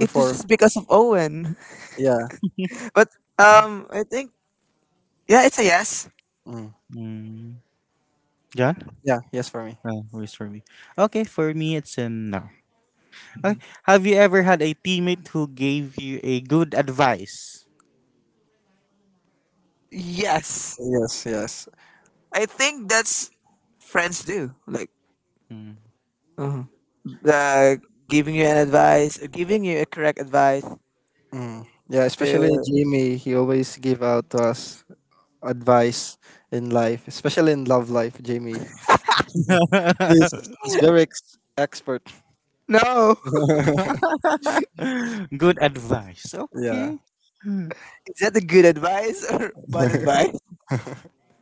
B: It was just because of Owen,
C: Yeah.
B: (laughs) but I think yeah, it's a yes.
C: Mm.
A: Mm, John?
C: Yeah. Yes, for me.
A: Oh, always for me. Okay, for me, it's a no. Okay. Have you ever had a teammate who gave you a good advice?
B: Yes.
C: Yes, yes.
B: I think that's friends do.
A: Mm.
B: Uh like giving you an advice or giving you a correct advice
C: Mm. Yeah, especially
B: to.
C: Jamie, he always give out to us advice in life, especially in love life, Jamie. He's,
A: (laughs)
C: he's very expert.
B: No,
C: (laughs)
A: Good advice.
C: Yeah.
A: Okay.
B: (laughs) is that a good advice or bad advice?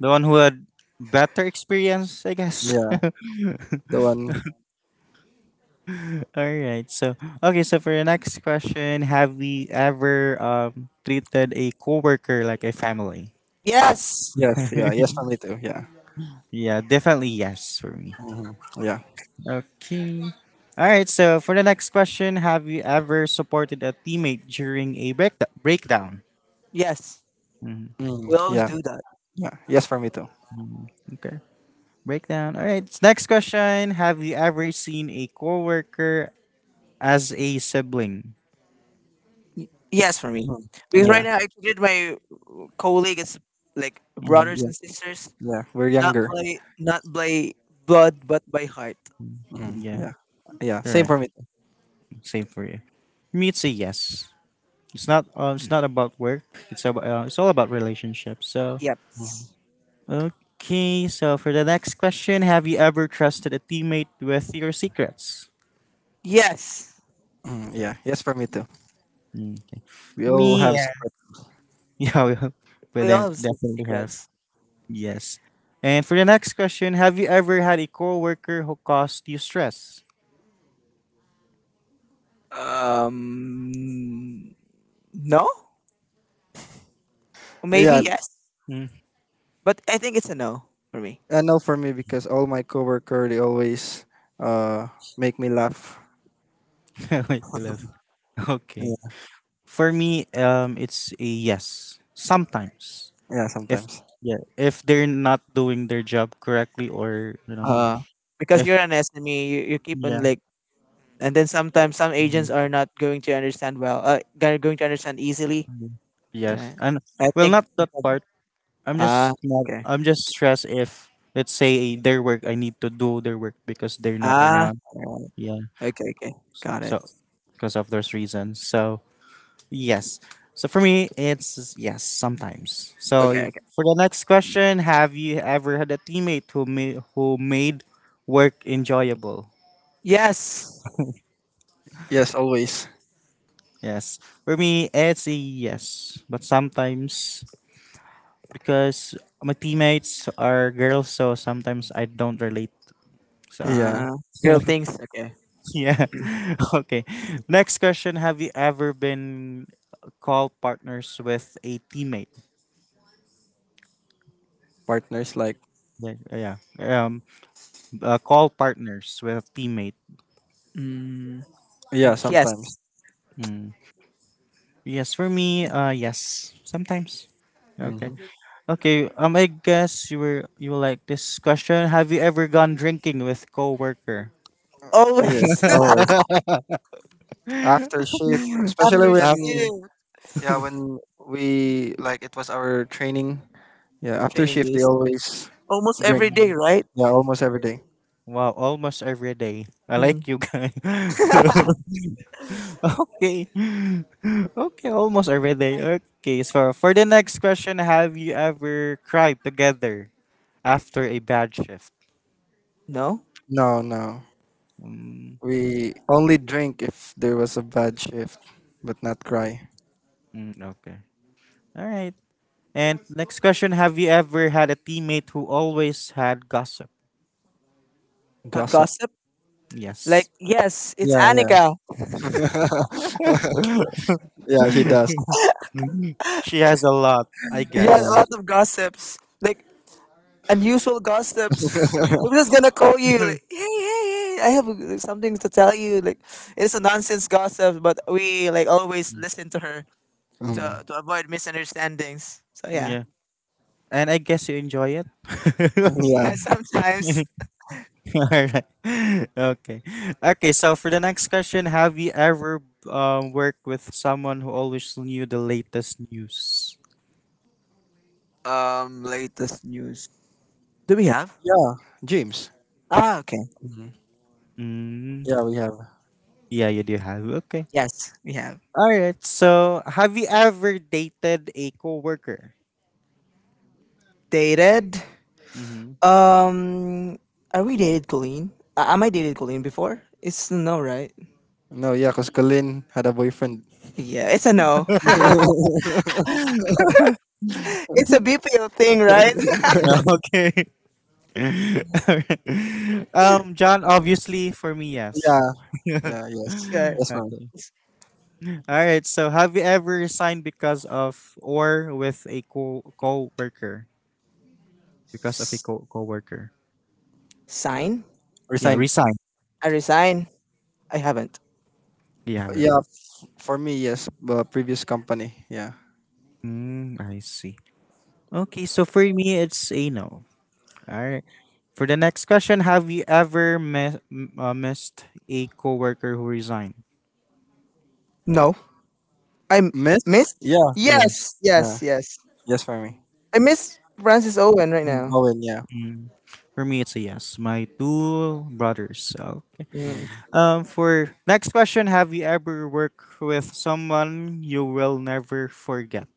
A: The one who had better experience, I guess. (laughs)
C: Yeah, the one.
A: All right. So, okay. So for the next question, have we ever treated a coworker like a family?
B: Yes,
C: Yes, yeah,
A: (laughs)
C: yes for me too. Yeah.
A: Yeah, definitely yes for me.
C: Hmm. Yeah.
A: Okay. All right. So for the next question, have you ever supported a teammate during a breakdown?
B: yes,
A: Mhm.
C: Mm,
B: we always
C: yeah.
B: do that.
C: Yeah. Yes for me too.
A: Okay. Breakdown. All right. Next question. Have you ever seen a coworker as a sibling?
B: Yes, for me,
C: Mm,
B: because right
C: yeah.
B: now I treated my colleague as like
A: Mhm.
B: brothers
C: Yeah.
B: and sisters,
C: Yeah. We're younger.
B: not by blood but by heart.
C: Mm,
A: Yeah.
C: yeah. Yeah.
A: All
C: Same
A: right.
C: for me too.
A: Same for you. For me, it's a yes. It's not. It's not about work. It's about. It's all about relationships. So
B: Yep.
C: Mm,
A: okay. So for the next question, have you ever trusted a teammate with your secrets?
B: Yes,
C: mm, yeah. Yes for me too.
A: Mm. Okay.
C: We
A: For
C: all
A: me,
C: have
A: yeah,
C: secret.
A: (laughs) yeah, well, but
B: we all
A: then
B: have some
A: definitely have
B: secrets.
A: yes. And for the next question, have you ever had a coworker who caused you stress?
B: Um, no. Maybe
C: Yeah.
B: yes,
A: Mm.
B: but I think it's a no for me.
C: No, for me because all my coworker they always uh make me laugh.
A: (laughs) Wait, you love. Okay.
C: Yeah,
A: For me, it's a yes. Sometimes.
C: yeah
A: If
C: sometimes.
A: yeah if they're not doing their job correctly or you know
C: Mm.
B: Uh, because
A: If
B: you're an SME, you keep on
A: yeah
B: like, and then sometimes some
A: mhm,
B: agents are not going to understand well. They're going to understand easily.
A: mhm. Yes
B: Right.
A: and
B: I
A: well
B: think.
A: not that part. i'm
B: Ah,
A: just not
B: okay.
A: i'm just stressed if let's say their work I need to do their work because they're not
B: Ah,
A: around,
B: alright.
A: yeah,
B: Okay, okay. Got it.
A: so because of those reasons so yes. So for me it's yes sometimes. So
B: Okay, okay.
A: for the next question, have you ever had a teammate who made work enjoyable?
B: Yes.
C: Yes, always.
A: Yes. For me, it's a yes. But sometimes, because my teammates are girls, so sometimes I don't relate. So
C: Yeah,
B: Uh, Girl things. Okay.
A: (laughs) yeah. (laughs) Okay. Next question. Have you ever been call partners with a teammate?
C: partners like
A: Like, yeah. Call partners with a teammate.
B: Mm,
C: yeah
B: yes.
C: sometimes.
A: Mm. Yes, for me, yes. Sometimes. Okay.
C: Hmm.
A: Okay. I guess you will like this question. Have you ever gone drinking with coworker?
C: Yes,
B: Always (laughs)
C: always
A: (laughs)
C: after shift, especially
B: after
A: After.
C: when
B: shift
C: yeah when we like it was our training. Yeah, after
B: training
C: shift they
B: days,
C: always
B: almost
C: drink.
B: every day,
A: Mm.
B: right?
C: Yeah, almost every day.
A: Wow, almost every day. I
B: Mm,
A: like you guys. (laughs) Okay. Okay, almost every day. Okay, so for the next question, have you ever cried together after a bad shift?
B: no,
C: No, no,
A: Mm.
C: we only drink if there was a bad shift, but not cry.
A: Mm, okay. All right. And next question, have you ever had a teammate who always had gossip?
B: not
C: Gossip.
B: gossip. Like,
A: Yes.
B: yes, it's
C: Yeah,
B: Annika.
C: yeah. (laughs) Yeah, he does.
A: Mhm. She has a lot, I
B: Yeah, a
C: Yeah.
B: lot
A: guess.
B: of gossips. Like, unusual gossips. (laughs) I'm just gonna call you, like,
A: (laughs)
B: hey, hey, hey, I have something to tell you. Like, it's a nonsense gossip, but we, like, always listen to her
C: Mm.
B: to avoid misunderstandings. So, yeah.
A: Yeah. And I guess you enjoy it.
B: (laughs) Yeah.
A: (laughs)
C: Yeah.
B: Sometimes,
A: (laughs) All right. (laughs) Okay. Okay. So for the next question, have you ever worked with someone who always knew the latest news?
B: latest news. Do we have?
C: Yeah. James.
B: Ah, okay.
C: Mhm.
A: Mm.
C: Yeah, we have.
A: Yeah, you do have. Okay.
B: Yes, we have.
A: All right. So have you ever dated a coworker?
B: Dated.
A: Mm-hmm.
B: Um, are we dated, Colleen? Am I dated, Colleen, before? It's no, right?
C: No, yeah, because Colin had a boyfriend.
B: Yeah, it's a no.
A: (laughs)
C: (laughs)
B: It's a BPO thing, right?
A: Okay. (laughs) All right. John, obviously for me, yes.
C: Yeah. Yeah, yes.
B: (laughs) Yeah.
A: (laughs)
C: Yes, ma'am.
A: Okay. All right. So have you ever resigned because of or with a co co-worker? Because of a
B: S-
A: coworker.
B: Sign?
A: Yeah,
C: Resigned.
A: resign.
B: I resign. I haven't.
A: Yeah, well.
C: Yeah, for me, yes. Previous company. Yeah.
A: Mm, I see. Okay, so for me, it's a no. All right. For the next question, have you ever missed a coworker who resigned?
B: No. I m- Miss?
C: Miss? Yeah.
B: Yes,
A: Yes.
C: Yeah.
B: yes, yes.
C: Yes, for me.
B: I miss Francis Owen right
C: Mm,
B: now.
C: Owen, yeah.
A: Mm. For me, it's a yes. My two brothers. Okay.
B: Mm.
C: Mm.
A: For next question, have you ever worked with someone you will never forget?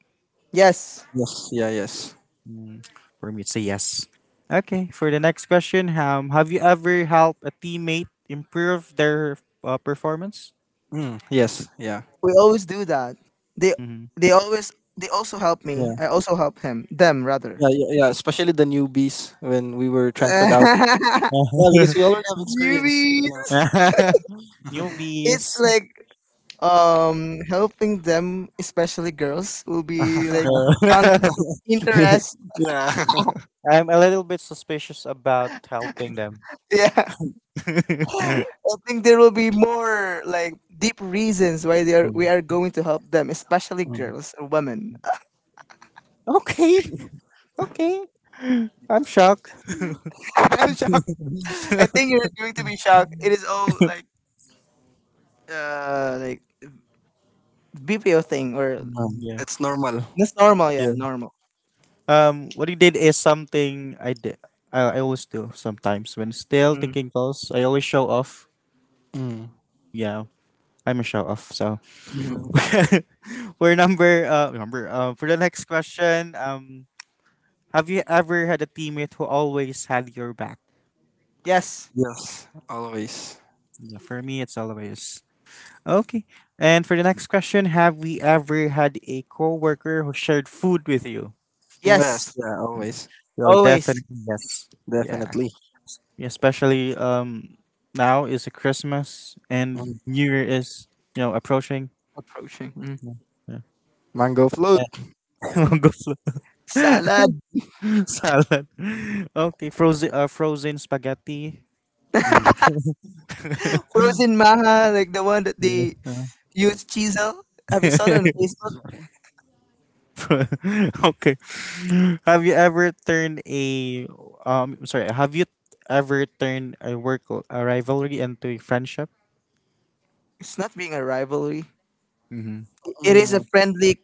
B: Yes,
C: Yes, yeah, yes.
A: Mm. For me, it's a yes. Okay, for the next question, have you ever helped a teammate improve their performance?
C: Mm, yes, yeah.
B: we always do that. They
A: Hmm.
B: they always, they also help me.
C: Yeah,
B: I also help him. Them rather.
C: yeah, yeah, yeah. Especially the newbies when we were transferred out.
B: (laughs)
C: Yeah, because
A: (laughs)
C: we already have experience, you know.
B: Newbies.
C: (laughs)
B: It's
A: Newbies.
B: like helping them, especially girls, will be like
C: (laughs)
A: Uh,
B: conflict of interest. (laughs)
C: yeah. (laughs)
A: (laughs) I'm a little bit suspicious about helping them.
B: Yeah.
A: (laughs)
B: I think there will be more like deep reasons why they are
C: Mm,
B: we are going to help them, especially
C: mm,
B: girls or women.
A: Okay, okay. I'm shocked.
B: (laughs) I'm shocked. I think you're going to be shocked. It is all like uh like BPO thing or
A: Mm.
C: mm,
A: Yeah.
C: it's normal.
B: that's normal, yeah,
A: Yeah.
B: normal.
A: What he did is something I did. I always do sometimes when still
B: hmm
A: taking calls. I always show off.
C: Mm.
A: Yeah, I'm a show off. So
B: hmm
C: (laughs)
A: (laughs) we're number for the next question. Have you ever had a teammate who always had your back?
B: Yes,
C: Yes, always.
A: Yeah, for me, it's always okay. And for the next question, have we ever had a coworker who shared food with you?
C: Yes,
B: yes,
C: yeah, always.
A: Well, definitely
B: always
A: yes. Yeah,
C: Definitely.
A: yeah, especially now is a Christmas and
C: Mm.
A: New Year is you know approaching.
B: approaching. Mhm.
A: Yeah.
C: Mango float.
A: Yeah. (laughs) Mango float. (laughs)
B: Salad,
A: Salad. Okay, frozen frozen spaghetti.
C: Mm,
A: (laughs) (laughs)
B: frozen maha like the one that they use chisel. Have you saw that
C: (laughs)
B: on Facebook?
A: Okay. Have you ever turned a sorry, have you ever turned a work a rivalry into a friendship?
B: It's not being a rivalry.
A: Mm-hmm.
B: It is a
C: mm.
B: friendly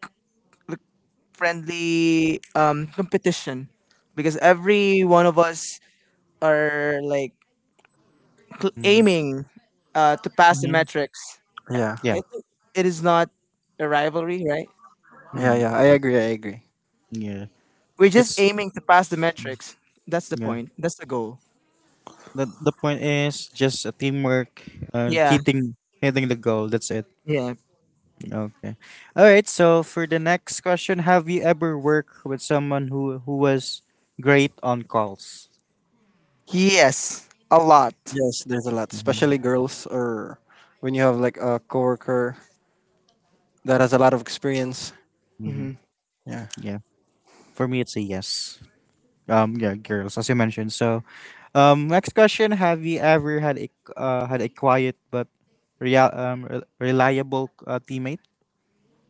B: friendly competition because every one of us are like aiming to pass the
A: Mm-hmm.
B: metrics.
C: Yeah.
A: Yeah.
B: I think it is not a rivalry, right?
C: Yeah,
A: Mm-hmm.
C: yeah. I agree, I agree.
A: Yeah.
B: We're just
A: It's
B: aiming to pass the metrics. That's the
A: yeah.
B: point. That's the goal.
A: The point is just a teamwork and
B: Yeah.
A: hitting the goal. That's it.
B: Yeah.
A: Okay. All right. So for the next question, have you ever worked with someone who was great on calls?
B: Yes. A lot.
C: Yes, there's a lot, especially
A: Mm-hmm.
C: girls or when you have like a coworker that has a lot of experience.
A: Mm-hmm.
B: hmm
C: Yeah.
A: Yeah. For me, it's a yes. Yeah, girls, as you mentioned. So, next question: Have you ever had a had a quiet but reliable teammate?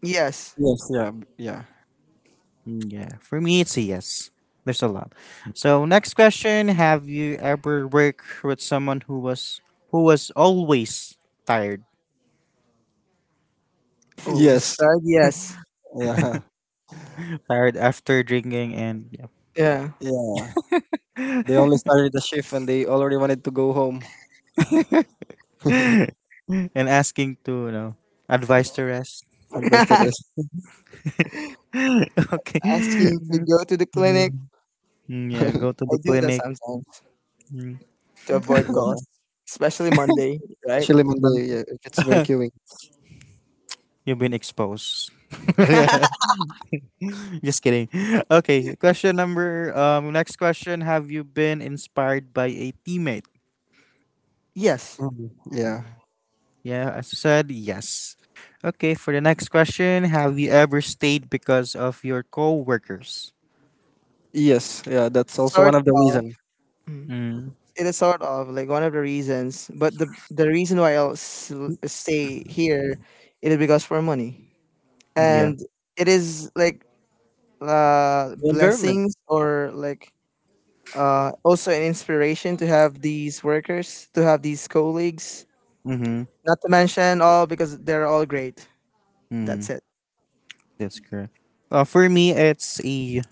B: Yes.
C: Yes, yeah, yeah.
A: Mm. Yeah, for me, it's a yes. There's a lot. So, next question: Have you ever worked with someone who was always tired,
C: (laughs)
B: Always
C: Yes.
B: start. Yes.
C: Yeah.
A: tired after drinking and yeah,
B: Yeah.
C: Yeah. They only started the shift and they already wanted to go home. (laughs)
A: and asking to you know advice to rest?
C: And best to
B: (laughs)
C: rest.
A: (laughs) Okay.
B: Asking to go to the clinic.
A: Mm. Yeah,
C: (laughs)
A: go to
B: I
A: the
B: do that
A: clinic.
B: sometimes
A: Mm.
B: to avoid
C: Yeah,
B: calls, especially Monday, right?
C: especially Monday yeah, if it's very
A: (laughs)
C: queuing.
A: You've been exposed. (laughs)
B: (laughs)
A: Just kidding. Okay, question number next question. Have you been inspired by a teammate?
B: Yes,
C: Mhm. Yeah.
A: Mm. Yeah, as you said, yes. Okay, for the next question, have you ever stayed because of your coworkers?
C: Yes. Yeah. That's also one
B: sort
C: of the
B: of.
C: reason.
B: Mm.
A: Mm.
B: It is sort of like one of the reasons, but the reason why stay here, it is because for money,
C: Mhm.
A: Yeah.
B: and it is like
C: The environment.
B: blessings or like also an inspiration to have these workers, to have these colleagues.
A: Mm-hmm.
B: Not to mention all because they're all great. That's
A: Mm-hmm.
B: it.
A: That's correct. For me, it's a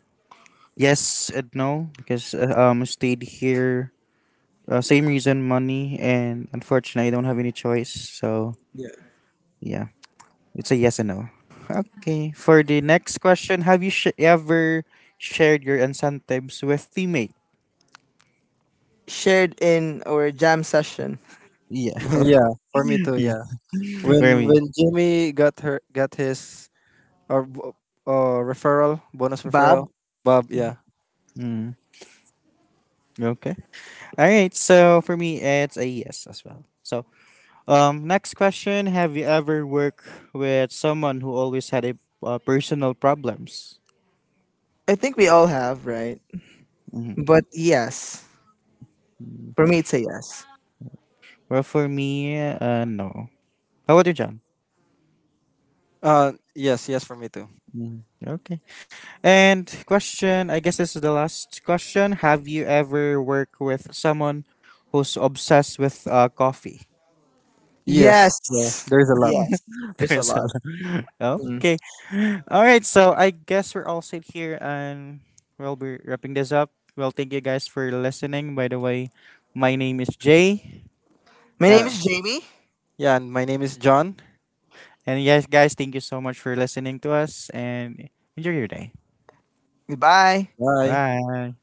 A: yes and no because I stayed here. Same reason, money, and unfortunately, I don't have any choice. So yeah. It's a yes and no. Okay. For the next question, have you ever shared your incentives with teammate?
B: Shared in our jam session,
A: Yeah.
C: (laughs) Yeah. For me
A: (laughs)
C: too.
A: Yeah.
C: Yeah.
A: For
C: When
A: me.
C: when Jimmy got her got his or bo- referral bonus
B: Bob.
C: referral. Bob. Yeah.
A: Mm. Okay. All right. So for me, it's a yes as well. So next question: Have you ever worked with someone who always had a personal problems?
B: I think we all have, right?
A: Hmm.
B: But yes, for me, it's a yes.
A: Well, for me, no. How about you, John?
C: Yes. Yes. For me too.
A: Mhm. Okay. And question, I guess this is the last question. Have you ever worked with someone who's obsessed with coffee?
C: Yes. Yeah.
B: Yes.
C: There is a lot.
B: Yes.
A: (laughs)
B: It's a
A: There's a
B: lot.
A: lot.
B: Mm.
A: Okay. All right. So I guess we're all set here and we'll be wrapping this up. Well, thank you guys for listening. By the way, my name is Jay.
B: My name
C: Yeah.
B: is Jamie.
C: Yeah. And my name is John.
A: And yes, guys, thank you so much for listening to us and enjoy your day.
B: Goodbye.
C: Bye.
A: Bye.